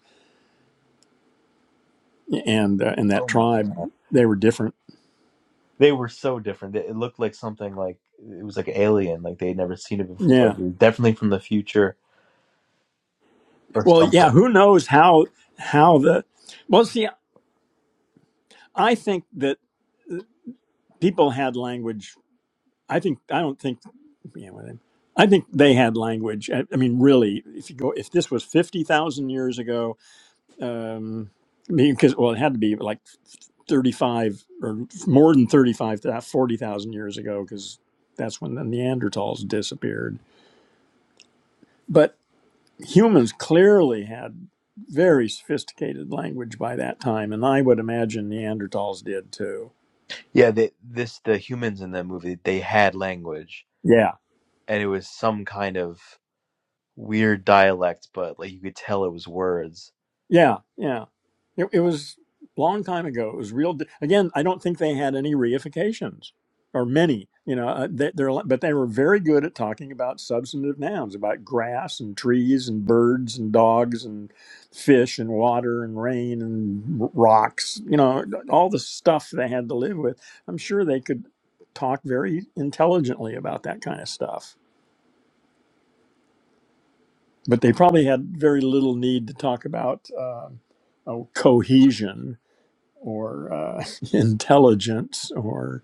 and uh, and that Oh my tribe, god. they were different. They were so different. It it looked like something like it was like alien, like they had never seen it before. Yeah. It was definitely from the future or Well, something. yeah. Who knows how how the well? See, I think that people had language. I think I don't think. Yeah, well, I think they had language. I, I mean, really, if you go, if this was fifty thousand years ago, um, because well, it had to be like thirty-five or more than thirty-five, forty thousand years ago, because that's when the Neanderthals disappeared. But humans clearly had very sophisticated language by that time, and I would imagine Neanderthals did too. Yeah, they, this the humans in that movie they had language, Yeah. and it was some kind of weird dialect, but like you could tell it was words. Yeah, yeah. It, it was a long time ago. It was real. di- Again, I don't think they had any reifications or many. You know, uh, they, they're li- but they were very good at talking about substantive nouns, about grass and trees and birds and dogs and fish and water and rain and r- rocks. You know, all the stuff they had to live with. I'm sure they could talk very intelligently about that kind of stuff, but they probably had very little need to talk about uh, oh, cohesion or uh, intelligence or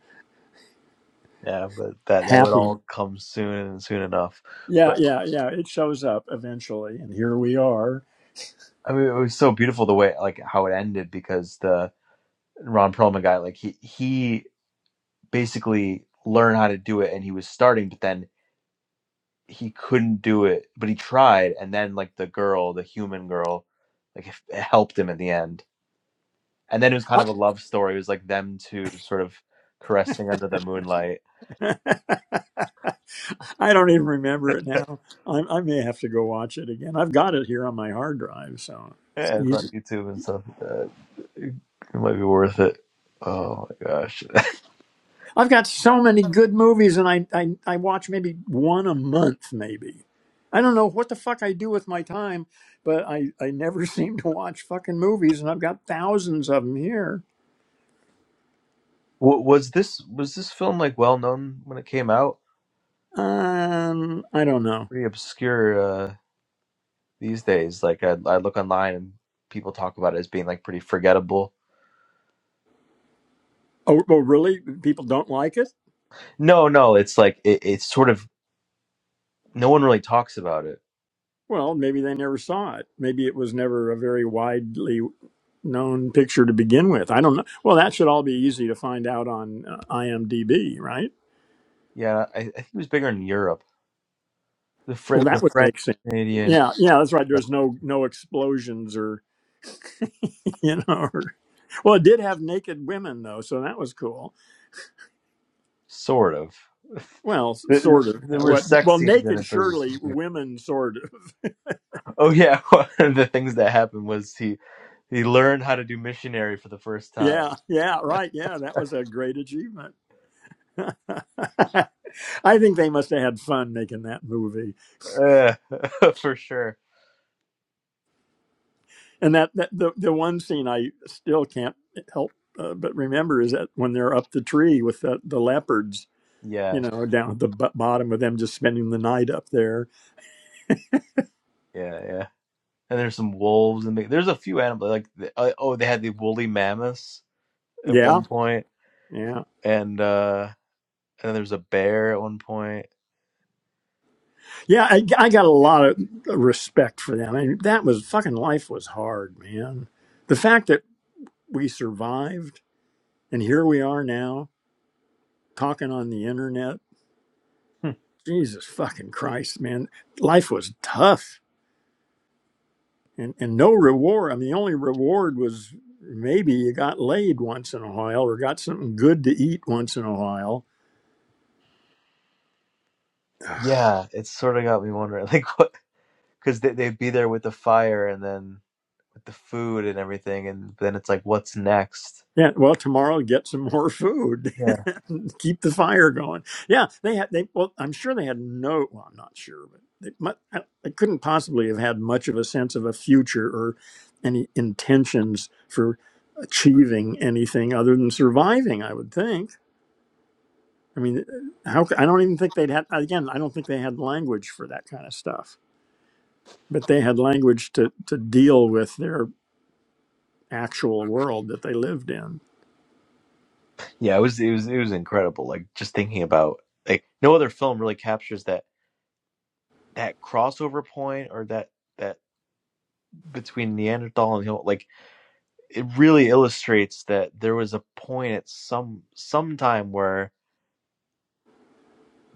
Yeah, but that that would happiness. all come soon and soon enough. Yeah, But yeah, yeah. It shows up eventually, and here we are. I mean, it was so beautiful the way like how it ended because the Ron Perlman guy, like he he basically learned how to do it, and he was starting, but then he couldn't do it, but he tried, and then like the girl, the human girl, like it it helped him in the end. And then it was kind I of a love story. It was like them two sort of caressing under the moonlight. I don't even remember it now. I, I may have to go watch it again. I've got it here on my hard drive, so it's Yeah, it's on easy. YouTube and stuff. Like that. It, it might be worth it. Oh my gosh, I've got so many good movies, and I, I, I watch maybe one a month, maybe. I don't know what the fuck I do with my time, but I, I never seem to watch fucking movies, and I've got thousands of them here. w- was this was this film like well known when it came out? Um, I don't know. Pretty obscure uh, these days. Like I, I look online and people talk about it as being like pretty forgettable. Oh, oh, really? People don't like it? No, no, it's like it, it's sort of no one really talks about it Well, maybe they never saw it. Maybe it was never a very widely known picture to begin with. I don't know. Well, that should all be easy to find out on uh, IMDb, right? Yeah, I, I think it was bigger in Europe. The Well, French, that the would French make sense. Canadian, Yeah, yeah, that's right. There's no no explosions or you know. Or, well, it did have naked women though, so that was cool. sort of. Well, s- Th- sort of. There Yeah, were What? sex Well, scenes in naked it, but it surely was. women, sort of. Oh yeah, one of the things that happened was he he learned how to do missionary for the first time. Yeah, yeah, right. Yeah, that was a great achievement. I think they must have had fun making that movie. Uh, for sure. And that, that the the one scene I still can't help uh, but remember is that when they're up the tree with the, the leopards, you Yeah, know, down at the b- bottom of them just spending the night up there. yeah, yeah. And there's some wolves and there's a few animals like the, uh, oh they had the woolly mammoths at Yeah, one point yeah, and uh and then there's a bear at one point. yeah. I, I got a lot of respect for them. I mean, that was fucking life was hard, man. The fact that we survived and here we are now talking on the internet. Hmm. Jesus fucking Christ, man. Life was tough and and no reward. I mean, the only reward was maybe you got laid once in a while or got something good to eat once in a while. Yeah, it sort of got me wondering like because they, they'd be there with the fire and then with the food and everything and then it's like what's next Yeah, well, tomorrow get some more food, yeah keep the fire going. Yeah, they had they. Well, I'm sure they had no. Well, I'm not sure, but they, mu- I I couldn't possibly have had much of a sense of a future or any intentions for achieving anything other than surviving. I would think. I mean, uh, how? c- I don't even think they'd had. Again, I don't think they had language for that kind of stuff. but they had language to, to deal with their actual world that they lived in. yeah it was it was it was incredible like just thinking about like no other film really captures that that crossover point or that that between neanderthal and Homo- like it really illustrates that there was a point at some sometime where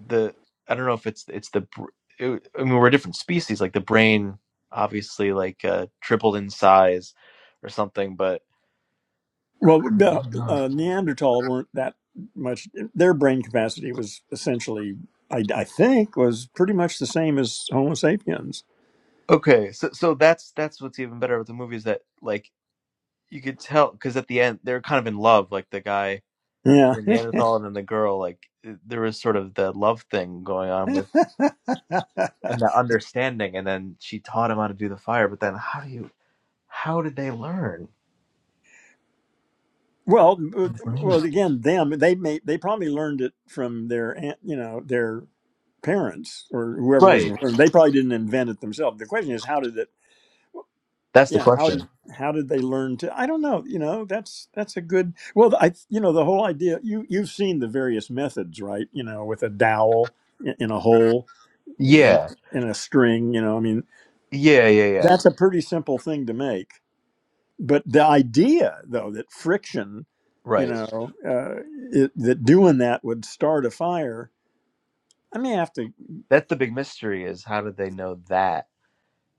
the i don't know if it's it's the it, i mean we're a different species like the brain obviously like uh tripled in size or something but Well, I the, don't know. uh, Neanderthal weren't that much. Their brain capacity was essentially, I, I think, was pretty much the same as Homo sapiens. Okay, so so that's that's what's even better with the movie is that like you could tell because at the end they're kind of in love, like the guy Yeah. in Neanderthal and then the girl. Like i- there was sort of the love thing going on with and the understanding, and then she taught him how to do the fire. But then how do you how did they learn? well, uh, well, again, them they may they probably learned it from their aunt, you know their parents or whoever was Right, before. They probably didn't invent it themselves. The question is, how did it? that's the yeah how did question. how did they learn to i don't know you know that's that's a good well i you know the whole idea you you've seen the various methods right you know with a dowel in in a hole and Yeah, in a string you know i mean yeah, yeah, yeah. that's a pretty simple thing to make but the idea though that friction you Right, know uh, it, that doing that would start a fire i may have to that's the big mystery is how did they know that?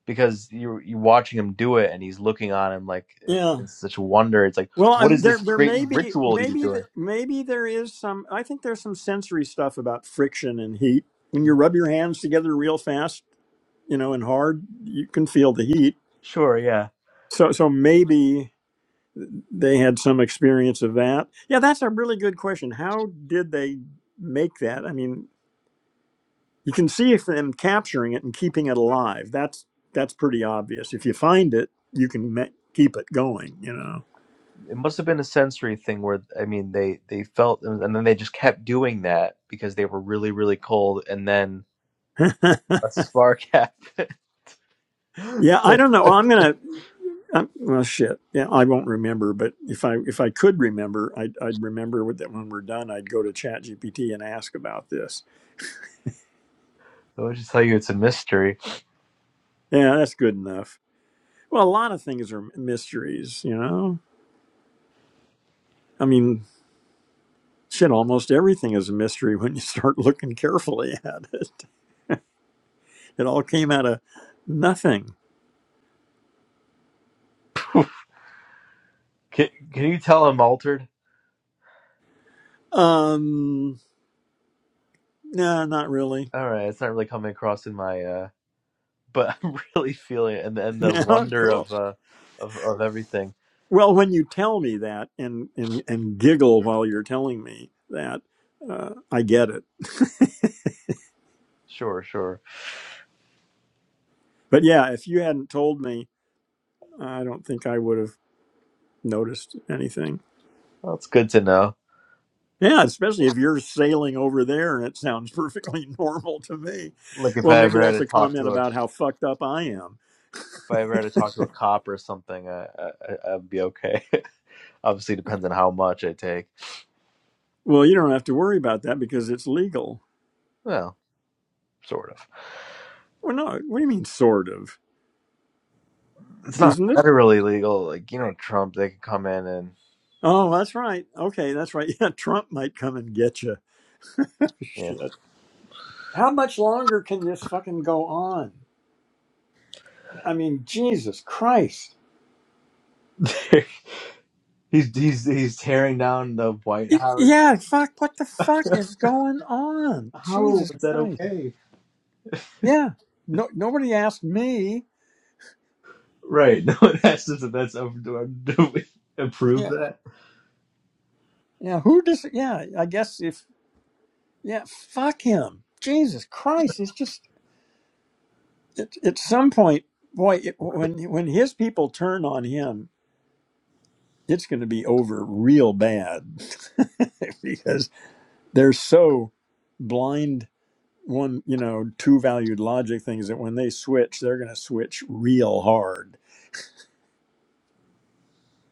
because you're you're watching him do it and he's looking on him like it- yeah it's such wonder. It's like Well, what um, is there this there great may be ritual he's maybe doing? th- maybe there is some. I think there's some sensory stuff about friction and heat. When you rub your hands together real fast, you know, and hard, you can feel the heat. Sure, yeah. So so maybe they had some experience of that. Yeah, that's a really good question. How did they make that? I mean, you can see if them capturing it and keeping it alive. That's that's pretty obvious. If you find it, you can ma- keep it going. You know. It must have been a sensory thing where I mean they they felt and then they just kept doing that because they were really really cold and then a spark happened. So yeah, I don't know. Well, I'm gonna. Um, well, shit. Yeah, I won't remember, but if I if I could remember, I'd, I'd remember with that when we're done, I'd go to ChatGPT and ask about this. I would just tell you it's a mystery. Yeah, that's good enough. Well, a lot of things are mysteries, you know. I mean, shit, almost everything is a mystery when you start looking carefully at it. It all came out of nothing. Can, can you tell I'm altered? Um, no, not really. All right, it's not really coming across in my uh but I'm really feeling it and and the Yeah, wonder cool. of uh of of everything. Well, when you tell me that and and and giggle while you're telling me that, uh, I get it Sure, sure. But yeah, if you hadn't told me, I don't think I would have noticed anything. Well, it's good to know. Yeah, especially if you're sailing over there and it sounds perfectly normal to me. Like if I Well, maybe ever had that's to a talk comment to a about if how fucked up I am. I ever had to talk to a cop or something, I, I I- I'd be okay. Obviously, depends on how much I take. Well, you don't have to worry about that because it's legal. Well, sort of. Well, no, what do you mean, sort of? It's not Isn't it? federally legal. Like you know, Trump, they can come in and Oh, that's right. Okay, that's right. Yeah, Trump might come and get you. Shit. How much longer can this fucking go on? I mean, Jesus Christ. yeah, he's he's he's tearing down the White Y- House. Yeah, fuck, what the fuck is going on? How Jesus is that Christ. okay? Yeah. No nobody asked me. Right. No, that's just that's over. Do do we approve Yeah. that? Yeah, who does yeah, I guess if yeah, fuck him. Jesus Christ, it's just it, at some point, boy, it, when when his people turn on him, it's going to be over real bad because they're so blind one, you know, two-valued logic things that when they switch, they're going to switch real hard.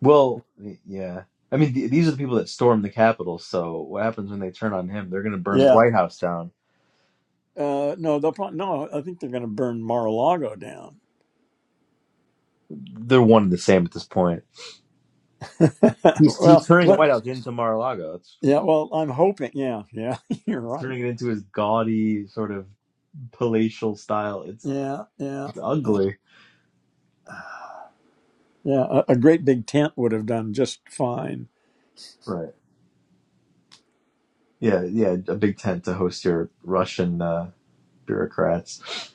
Well, y- yeah. I mean, th- these are the people that stormed the Capitol. So what happens when they turn on him? They're going to burn the Yeah. White House down. Uh, no, they'll probably, no. I think they're going to burn Mar-a-Lago down. they're one and the same at this point. He's, he's well, turning the let, White House into Mar-a-Lago. It's, yeah. Well, I'm hoping. Yeah, yeah. You're it's right. turning it into his gaudy sort of palatial style. It's, Yeah, yeah, it's yeah. ugly. yeah. A, a great big tent would have done just fine. Right. Yeah. Yeah. A big tent to host your Russian uh, bureaucrats.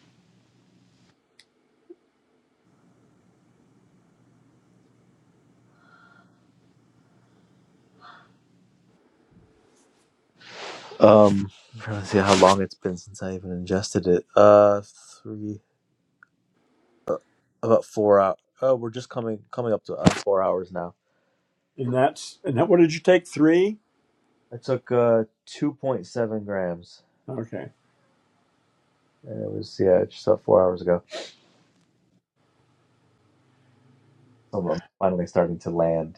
Um, I'm trying to see how long it's been since I even ingested it. Uh, three about four hours. Oh, we're just coming coming up to uh, four hours now. And that's and that. What did you take? Three. I took uh two point seven grams, Okay. and it was yeah just about four hours ago. So I'm finally starting to land.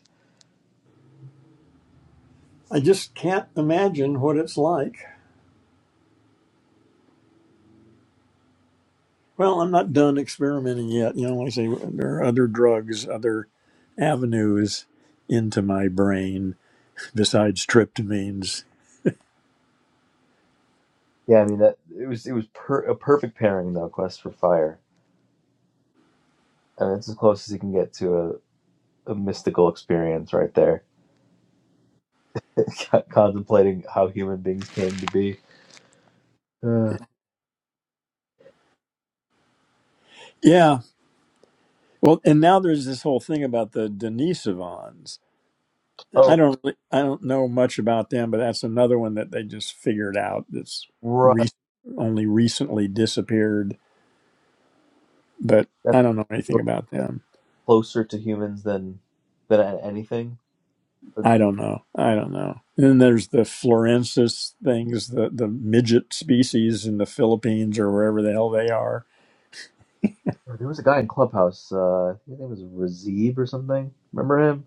I just can't imagine what it's like. Well, I'm not done experimenting yet. You know, like I say, there are other drugs, other avenues into my brain besides tryptamines. Yeah, I mean that it was it was per, a perfect pairing though. Quest for Fire. I mean, it's as close as you can get to a, a mystical experience right there. Contemplating how human beings came to be. Uh, Yeah, Well, and now there's this whole thing about the Denisovans. I oh, don't really, I don't know much about them, but that's another one that they just figured out that's right. re- only recently disappeared. But That's I don't know anything about them. closer to humans than than a- anything. Or- th- I don't know. I don't know. And then there's the Florensis things, the the midget species in the Philippines or wherever the hell they are. or There was a guy in Clubhouse. Uh, I think his name was Razib or something. Remember him?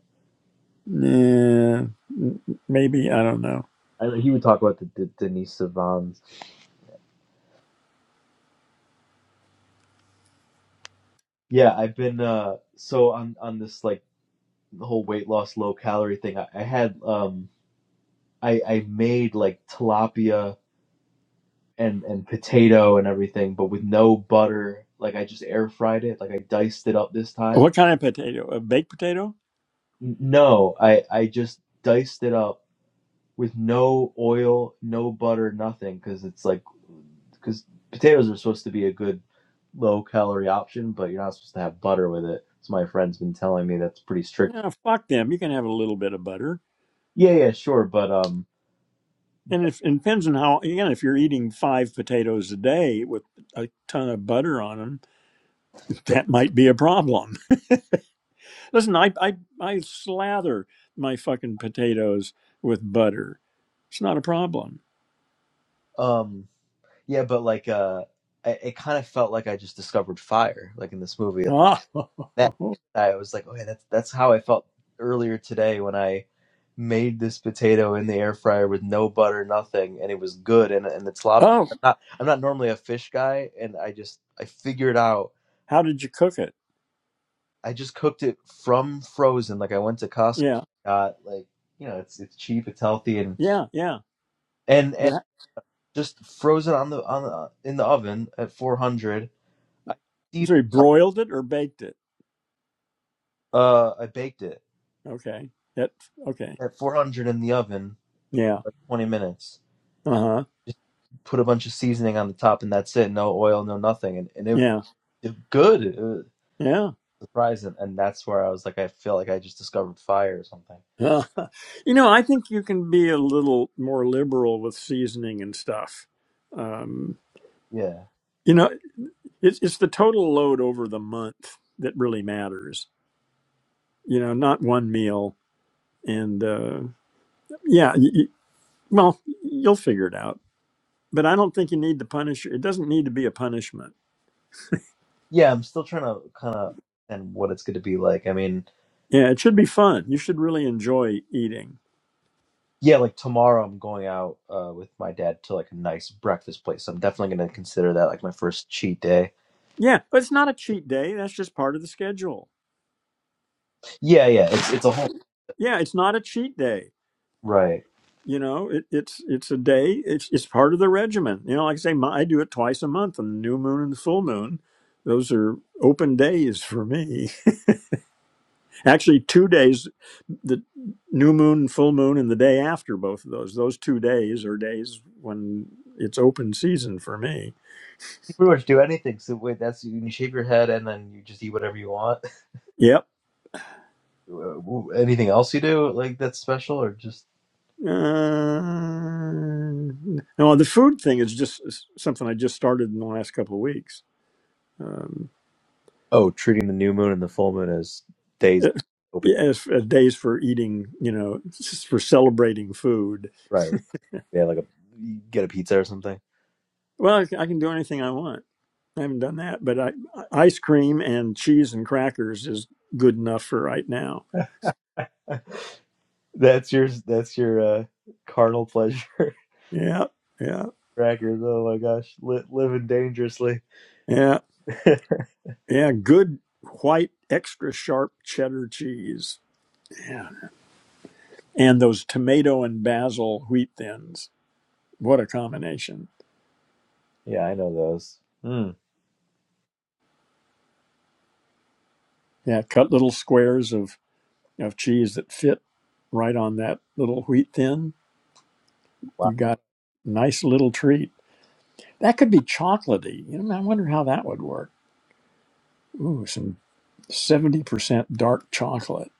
Nah, m- maybe I don't know. I, know he would talk about the, the Denise Savans. Yeah, I've been uh, so on on this like whole weight loss, low calorie thing. I, I had um. I, I made like tilapia and, and potato and everything, but with no butter. Like I just air fried it. Like I diced it up this time. What kind of potato? A baked potato? N- No, I, I just diced it up with no oil, no butter, nothing. Cause it's like, cause potatoes are supposed to be a good low calorie option, but you're not supposed to have butter with it. So my friend's been telling me that's pretty strict. No, fuck them. You can have a little bit of butter. Yeah, yeah, sure. But, um, And if it depends on how again, if you're eating five potatoes a day with a ton of butter on them, that might be a problem. Listen, I I, I slather my fucking potatoes with butter. It's not a problem. um, yeah, but like, uh, I- it kind of felt like I just discovered fire, like in this movie. Oh, that I was like, okay, that's that's how I felt earlier today when I made this potato in the air fryer with no butter, nothing, and it was good. And and it's sloppy. oh, I'm not I'm not normally a fish guy, and I just I figured out how did you cook it? I just cooked it from frozen. Like I went to Costco, Yeah, got like you know it's it's cheap, it's healthy, and yeah, yeah. and and But just frozen on the on the, in the oven at 400. I so you broiled it or baked it? uh I baked it Okay, that okay. at 400 in the oven Yeah. for 20 minutes Uh huh. Just put a bunch of seasoning on the top, and that's it. No oil, no nothing, and and it, Yeah. it good. It was Yeah. surprising, and that's where I was like, I feel like I just discovered fire or something. Uh, you know, I think you can be a little more liberal with seasoning and stuff. Um, Yeah, you know, it's, it's the total load over the month that really matters. You know, not one meal. And uh, yeah, y y well, you'll figure it out. But I don't think you need to punish. It doesn't need to be a punishment. yeah. I'm still trying to kind of and what it's going to be like. I mean, Yeah, it should be fun. You should really enjoy eating. yeah, like tomorrow I'm going out uh, with my dad to like a nice breakfast place. So I'm definitely going to consider that like my first cheat day. Yeah, but it's not a cheat day. That's just part of the schedule. Yeah, yeah. It's it's a whole Yeah, it's not a cheat day right. you know it, it's it's a day it's it's part of the regimen you know like i say my, i do it twice a month on the new moon and the full moon those are open days for me actually two days the new moon and full moon and the day after both of those those two days are days when it's open season for me You pretty much do anything. So wait, that's you shave your head and then you just eat whatever you want. yep Uh, anything else you do like that's special or just uh, no the food thing is just something i just started in the last couple of weeks Um, Oh, treating the new moon and the full moon as days uh, open. yeah, as uh, days for eating, you know, s- for celebrating food. Right. Yeah, like a you get a pizza or something. Well, I c- I can do anything I want. I haven't done that, but I, I- ice cream and cheese and crackers is good enough for right now. That's your that's your uh, carnal pleasure Yeah, yeah, crackers. Oh my gosh, Li- living dangerously. yeah, yeah. Good white, extra sharp cheddar cheese. Yeah, and those tomato and basil wheat thins. What a combination! yeah, I know those. Mm. Yeah, cut little squares of of cheese that fit right on that little wheat thin Wow. you got a nice little treat. That could be chocolatey. You know, I wonder how that would work. Ooh, some 70% dark chocolate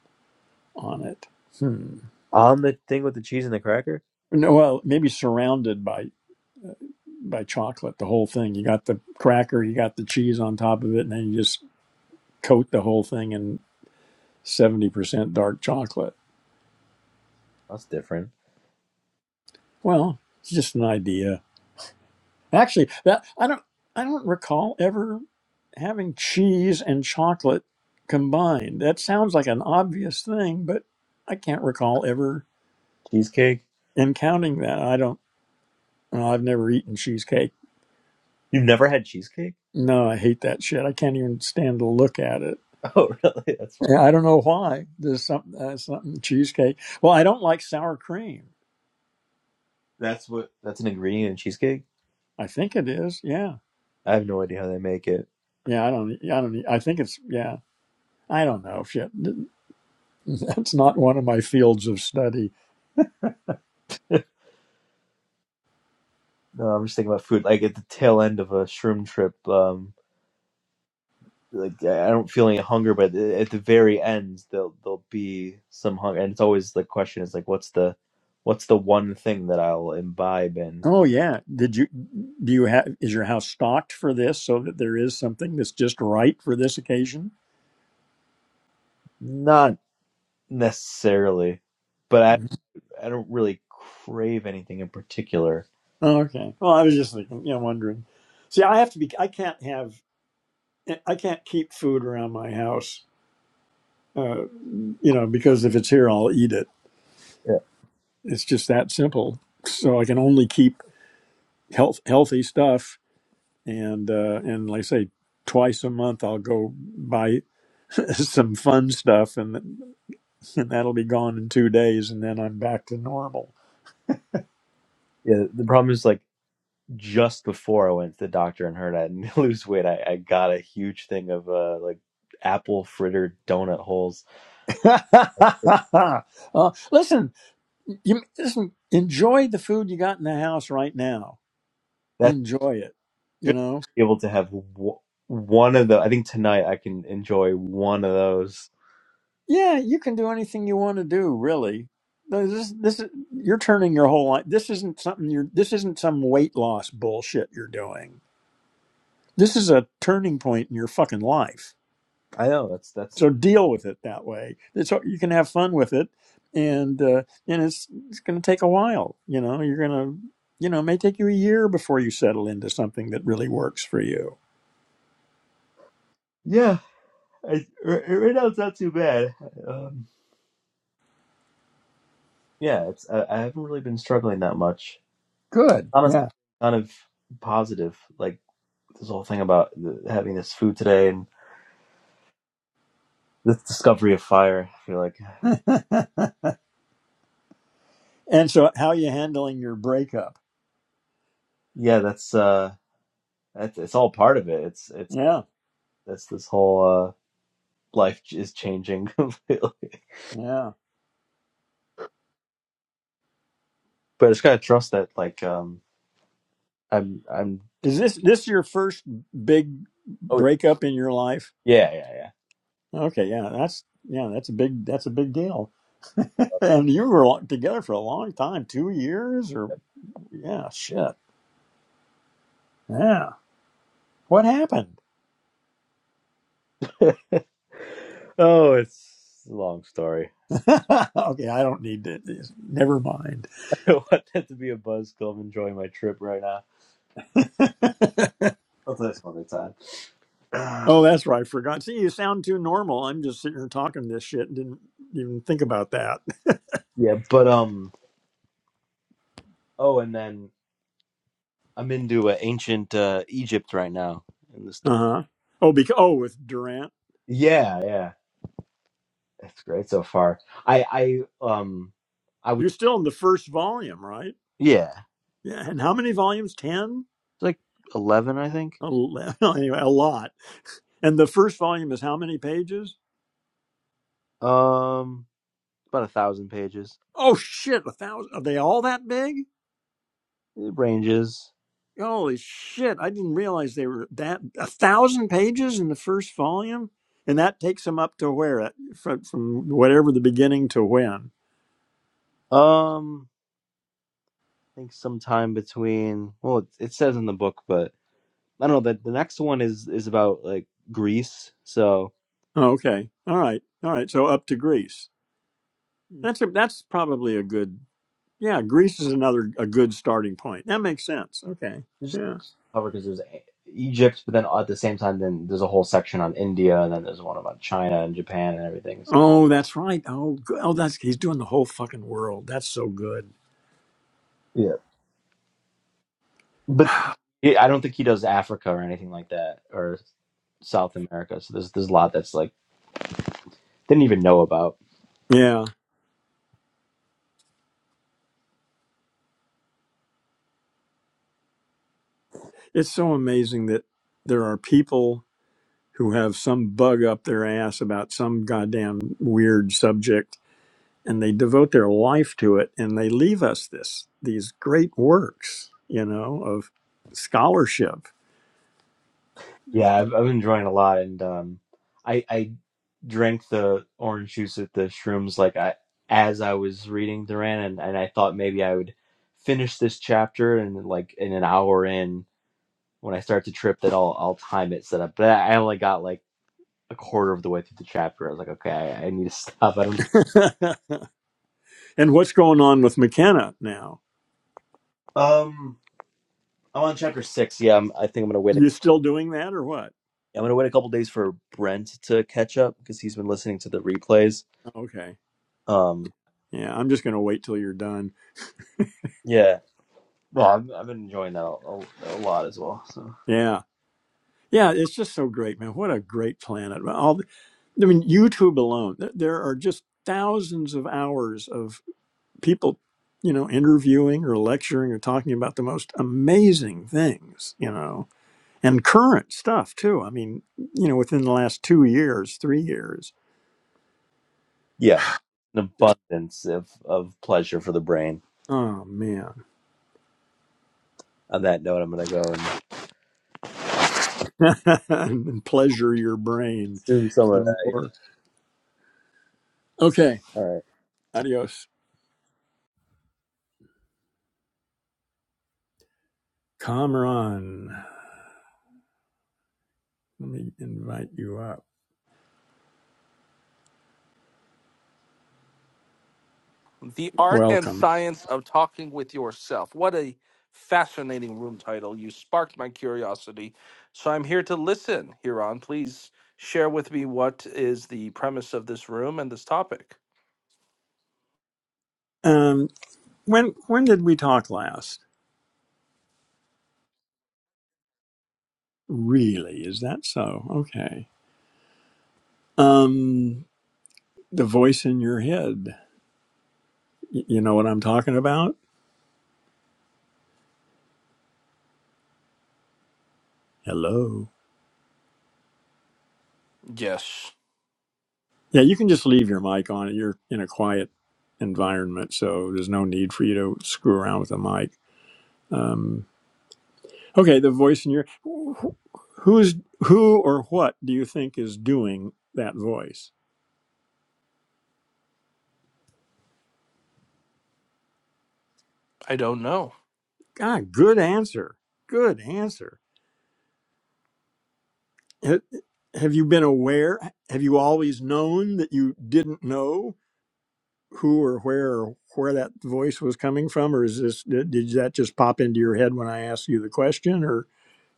on it. Hmm. On the thing with the cheese and the cracker. No, well, maybe surrounded by by chocolate, the whole thing. You got the cracker, you got the cheese on top of it, and then you just coat the whole thing in 70% dark chocolate. That's different. Well, it's just an idea. Actually, that I don't I don't recall ever having cheese and chocolate combined. That sounds like an obvious thing, but I can't recall ever Cheesecake. encountering that. I don't well, I've never eaten cheesecake. You've never had cheesecake? No, I hate that shit. I can't even stand to look at it. Oh, really? That's fu- Yeah, I don't know why. There's something uh, something cheesecake. Well, I don't like sour cream. that's what that's an ingredient in cheesecake. I think it is. Yeah. I have no idea how they make it. Yeah, I don't I don't e, I think it's yeah. I don't know. Shit. That's not one of my fields of study. No, I'm just thinking about food. Like at the tail end of a shroom trip, um, like I I don't feel any hunger, but at the very end there'll there'll be some hunger, and it's always the question is like, what's the what's the one thing that I'll imbibe in? Oh yeah. Did you do you have is your house stocked for this so that there is something that's just right for this occasion? Not necessarily, but I Mhm. I don't really crave anything in particular. Oh, okay. Well, I was just thinking, you know, wondering. See, I have to be I can't have I can't keep food around my house. Uh, you know, because if it's here I'll eat it. Yeah, It's just that simple. So I can only keep health healthy stuff and uh and like I say twice a month I'll go buy some fun stuff and and that'll be gone in two days, and then I'm back to normal. yeah. The problem is like just before I went to the doctor and heard I didn't lose weight, I, I got a huge thing of uh like apple fritter donut holes. Uh, listen, you listen. Enjoy the food you got in the house right now. Enjoy it. You should know. be able to have w- one of the. I think tonight I can enjoy one of those. Yeah, you can do anything you want to do. Really, this this is you're turning your whole life. This isn't something you're. This isn't some weight loss bullshit you're doing. This is a turning point in your fucking life. I know that's that's So deal with it that way. So you can have fun with it, and uh, and it's it's going to take a while. You know, you're going to you know it may take you a year before you settle into something that really works for you. yeah. I, right right now it's not too bad. Um, yeah, it's I, I haven't really been struggling that much. Good. Honestly, Yeah. kind of positive. Like this whole thing about the, having this food today and this discovery of fire. I feel like and so, how are you handling your breakup? yeah, that's uh, that's it's all part of it. It's it's Yeah, that's this whole uh life is changing. completely. yeah. but I just gotta trust that like um I'm I'm. Is this this your first big oh, breakup in your life? Yeah, yeah, Okay, yeah, that's yeah, that's a big that's a big deal. yeah. And you were together for a long time, two years, or yeah, shit, yeah. What happened? Oh, it's a long story. okay, I don't need to. Never mind. I don't want that to be a buzzkill. I'm enjoying my trip right now. I'll tell you some other time. Ah, oh, that's right. I forgot. See, you sound too normal. I'm just sitting here talking this shit and didn't even think about that. yeah, but um. Oh, and then I'm into uh, ancient uh, Egypt right now. In the sto- Uh huh. Oh, because oh, with Durant, yeah, yeah, it's great so far. I I um I was you're still in the first volume, right? yeah it's Yeah. And how many volumes? Ten. like eleven I think. Ele- Anyway, a lot. And the first volume is how many pages? Um, about a thousand pages. Oh shit, a thousand. Are they all that big? It ranges. Holy shit! I didn't realize they were that a thousand pages in the first volume, and that takes them up to where at- from from whatever the beginning to when. Um, I think sometime between well it, it says in the book but i don't know the, the next one is is about like greece so Oh, okay, all right, all right. So up to Greece. That's a, that's probably a good yeah. Greece is another a good starting point. That makes sense. Okay, it's just yeah. cover because there's E- egypt but then at the same time then there's a whole section on india and then there's one about china and japan and everything so, Oh, that's right. Oh, go- oh, that's he's doing the whole fucking world. That's so good. yeah but yeah, i don't think he does africa or anything like that or south america so there's there's a lot that's like didn't even know about Yeah, it's so amazing that there are people who have some bug up their ass about some goddamn weird subject and they devote their life to it and they leave us this these great works you know of scholarship Yeah, I've, I've been enjoying it a lot, and um, I I drank the orange juice at the shrooms like I as I was reading Duran, and, and I thought maybe I would finish this chapter and like in an hour in when I start to trip that I'll I'll time it set up. But I only got like a quarter of the way through the chapter. I was like, okay, I, I need to stop. I don't. and what's going on with mckenna now Um, I'm on chapter six. Yeah, I'm, I think I'm gonna wait. you still doing that or what I'm gonna wait a couple days for Brent to catch up because he's been listening to the replays. okay Um, yeah i'm just going to wait till you're done yeah. Well, I've, I've been enjoying that a, a, a lot as well. So yeah yeah it's just so great man what a great planet Well, all the, i mean youtube alone th- there are just thousands of hours of. people, you know, interviewing or lecturing or talking about the most amazing things, you know, and current stuff too. I mean, you know, within the last two years, three years, Yeah. an just abundance of, of pleasure for the brain. oh man, On that note, I'm gonna go and and pleasure your brain consume some of some that. Yeah, more. Okay, all right. adios, Kamran. Let me invite you up. The Art and Welcome. Science of Talking with Yourself. What a fascinating room title. You sparked my curiosity. So I'm here to listen, Huron. Please share with me what is the premise of this room and this topic. Um, when when did we talk last? Really, is that so? Okay. Um, the voice in your head. Y- You know what I'm talking about? Hello. Yes, Yeah, you can just leave your mic on. You're in a quiet environment, so there's no need for you to screw around with the mic. Um, okay, the voice in your wh- who's who or what do you think is doing that voice? I don't know. Ah, good answer. Good answer. Ha- Have you been aware? Have you always known that you didn't know? who or where or where that voice was coming from, or is this did, that just pop into your head when I asked you the question, or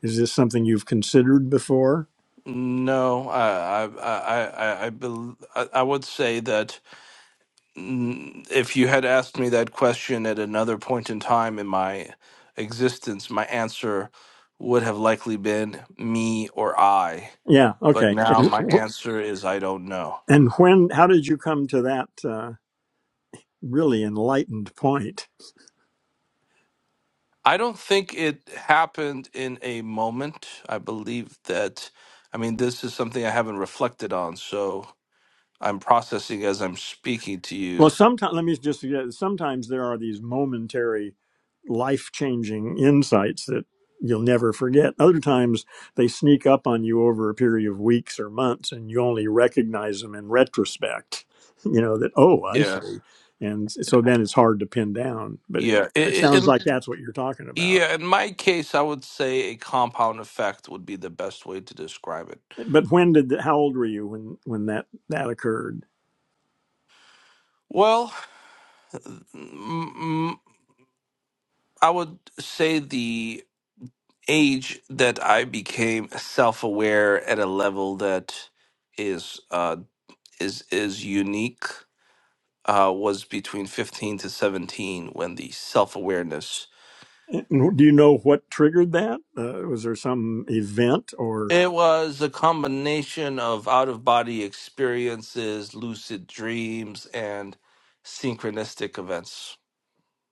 is this something you've considered before? No, I I I I I, bel I I would say that mm, if you had asked me that question at another point in time in my existence, my answer would have likely been me or I Yeah, but okay. now And, my answer is I don't know. and when? How did you come to that uh, really enlightened point? I don't think it happened in a moment. I believe that, I mean, this is something I haven't reflected on, so I'm processing as I'm speaking to Well, you. sometimes let me just suggest sometimes there are these momentary, life changing insights that you'll never forget. Other times they sneak up on you over a period of weeks or months, and you only recognize them in retrospect. You know that oh, I Yeah, see, and s- so then it's hard to pin down. But yeah. it, it It, it, sounds in, like that's what you're talking about. yeah, in my case, I would say a compound effect would be the best way to describe it. But when did th- how old were you when when that that occurred? Well, mm, mm, I would say the age that I became self aware at a level that is uh, is is unique uh, was between 15 to 17 when the self-awareness And do you know what triggered that? Uh, was there some event or? it was a combination of out-of-body experiences lucid dreams and synchronistic events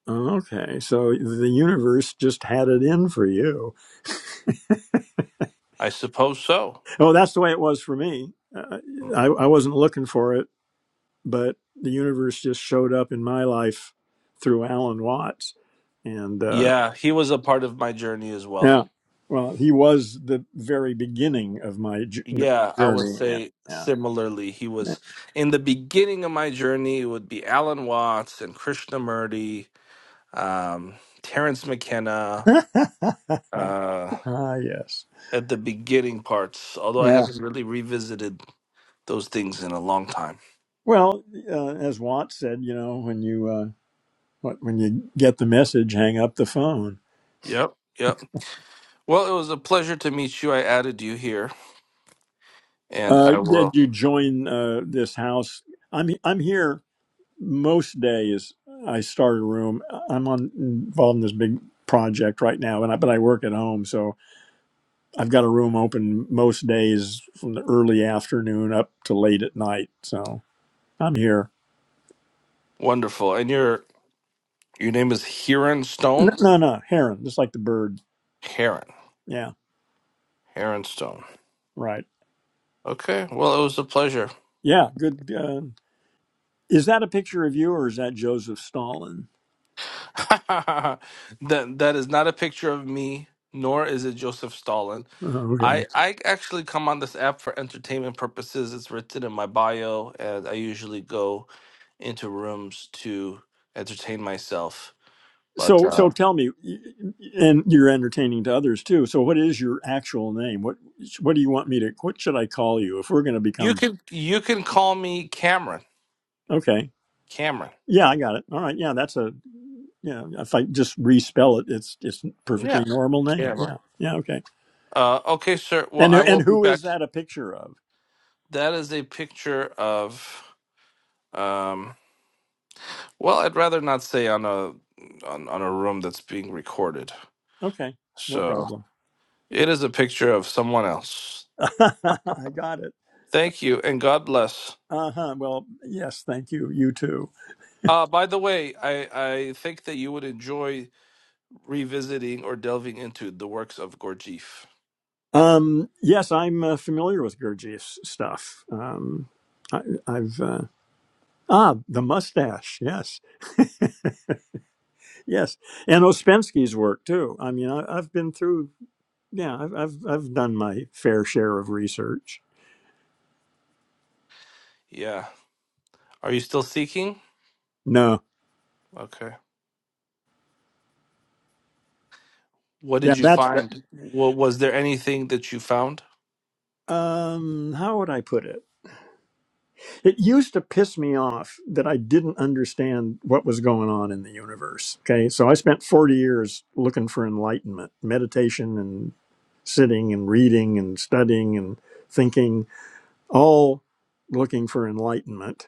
Okay, so the universe just had it in for you. i suppose so Oh, that's the way it was for me. Uh, I, I wasn't looking for it, but the universe just showed up in my life through Alan Watts. And uh, yeah he was a part of my journey as well yeah, well, he was the very beginning of my j- yeah i would journey. And, say similarly he yeah. was in the beginning of my journey it would be alan watts and krishnamurti um, terrence mckenna uh, ah, yes. at the beginning parts, although I Yeah. haven't really revisited those things in a long time. Well, uh, as Watts said, you know, when you uh, what, when you get the message, hang up the phone Yep, yep. Well, it was a pleasure to meet you. I added you here, and Uh, I did will. you join uh, this house? I'm I'm here most days. I start a room. I'm on involved in this big project right now, and I, but I work at home, so I've got a room open most days from the early afternoon up to late at night. So I'm here. Wonderful. And your your name is Heron No, Stone. no, no heron, just like the bird. Heron. Yeah, Heron Stone. right. Okay. Well, it was a pleasure. Yeah, good. Uh, is that a picture of you, or is that Joseph Stalin? that that is not a picture of me, nor is it Joseph Stalin. Oh, okay. I I actually come on this app for entertainment purposes. It's written in my bio, and I usually go into rooms to entertain myself. But So, uh, so tell me, and you're entertaining to others too. So, what is your actual name? What what do you want me to? What should I call you if we're going to you become? can you can call me Cameron. Okay, Cameron. yeah, I got it. All right, yeah, that's a yeah. If I just respell it, it's it's a perfectly Yeah, normal name. Cameron. Yeah, yeah, okay. Uh, okay, sir. Well, And I will and be who is back. that a picture of? That is a picture of. Um, well, I'd rather not say on a on, on a room that's being recorded. Okay, no So problem. it is a picture of someone else. I got it. Thank you, and God bless. Uh huh. Well, yes, thank you. You too. Uh, by the way, I, I think that you would enjoy revisiting or delving into the works of Gurdjieff. Um, yes, I'm uh, familiar with Gurdjieff's stuff. Um, I, I've uh, Ah, the mustache. Yes, yes, and Ospensky's work too. I mean, I, I've been through. Yeah, I've, I've I've done my fair share of research. Yeah. Are you still seeking? No, Okay. What yeah, did you that's that. find? Wa- was there anything that you found? Um, how would I put it? It used to piss me off that I didn't understand what was going on in the universe. Okay, so I spent forty years looking for enlightenment, meditation, and sitting and reading and studying and thinking, all looking for enlightenment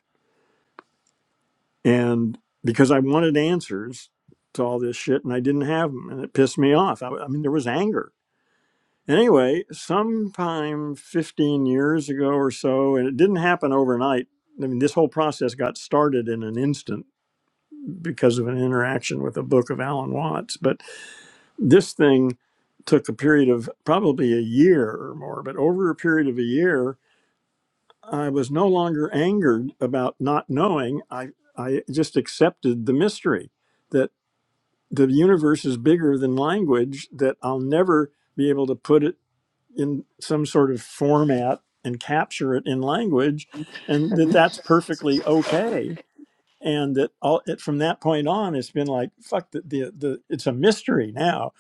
and because I wanted answers to all this shit, and I didn't have them, and it pissed me off. I, I mean, there was anger. Anyway, sometime 15 years ago or so, and it didn't happen overnight. I mean, this whole process got started in an instant because of an interaction with a book of Alan Watts. But this thing took a period of probably a year or more. But over a period of a year, I was no longer angered about not knowing. I, I just accepted the mystery that. the universe is bigger than language that I'll never be able to put it in some sort of format and capture it in language and that that's perfectly okay and that all it from that point on it's been like fuck the, the the it's a mystery now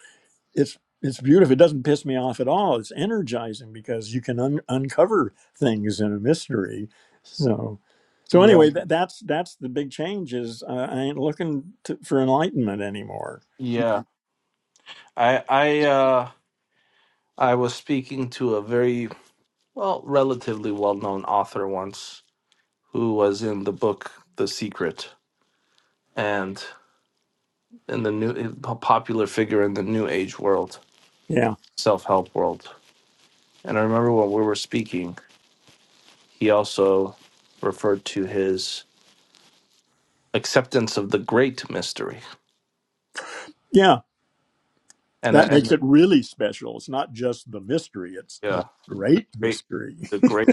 it's it's beautiful it doesn't piss me off at all it's energizing because you can un- uncover things in a mystery so so Yeah. anyway that, that's that's the big change is uh, i ain't looking to, for enlightenment anymore Yeah. I I uh I was speaking to a very well relatively well-known author once who was in the book The Secret and in the new a popular figure in the new age world, yeah self-help world. And I remember when we were speaking, he also referred to his acceptance of the great mystery Yeah, and I, that and makes it really special. It's not just the mystery, it's the yeah the great great mystery. the great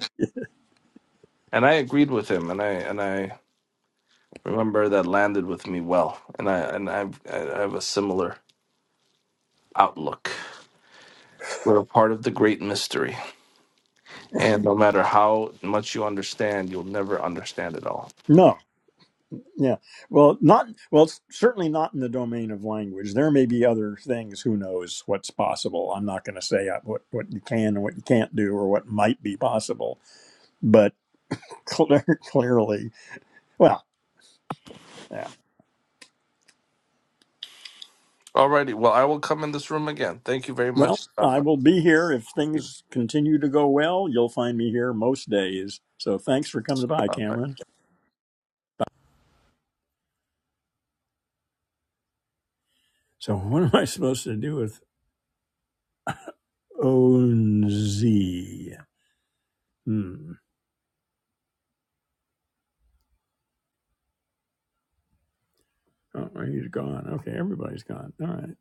and I agreed with him and I and I remember that landed with me well and I and I've, I have a similar outlook we're a part of the great mystery and no matter how much you understand you'll never understand it all No, yeah. Well, not well, it's certainly not in the domain of language. There may be other things, who knows what's possible. I'm not going to say uh, what what you can and what you can't do or what might be possible, but clear, clearly, well, yeah. alrighty well I will come in this room again thank you very Well, much God I bless will be here if you things continue to go well. You'll find me here most days. So thanks for coming by, Bye-bye. Cameron. So what am I supposed to do with Onzi. Hmm. Oh, he's gone. Okay, everybody's gone. All right.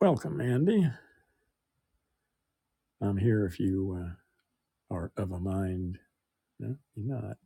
Welcome, Andy. I'm here if you uh, are of a mind. No, you're not.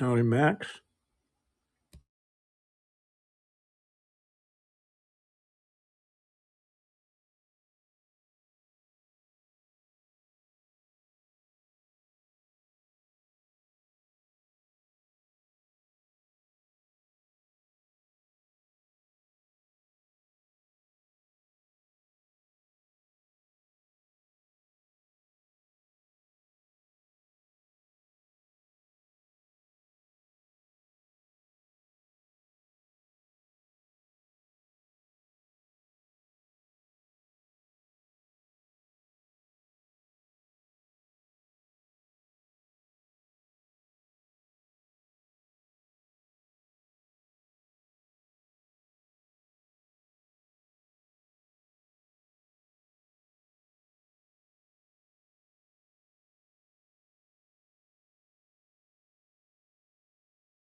Howdy, Max.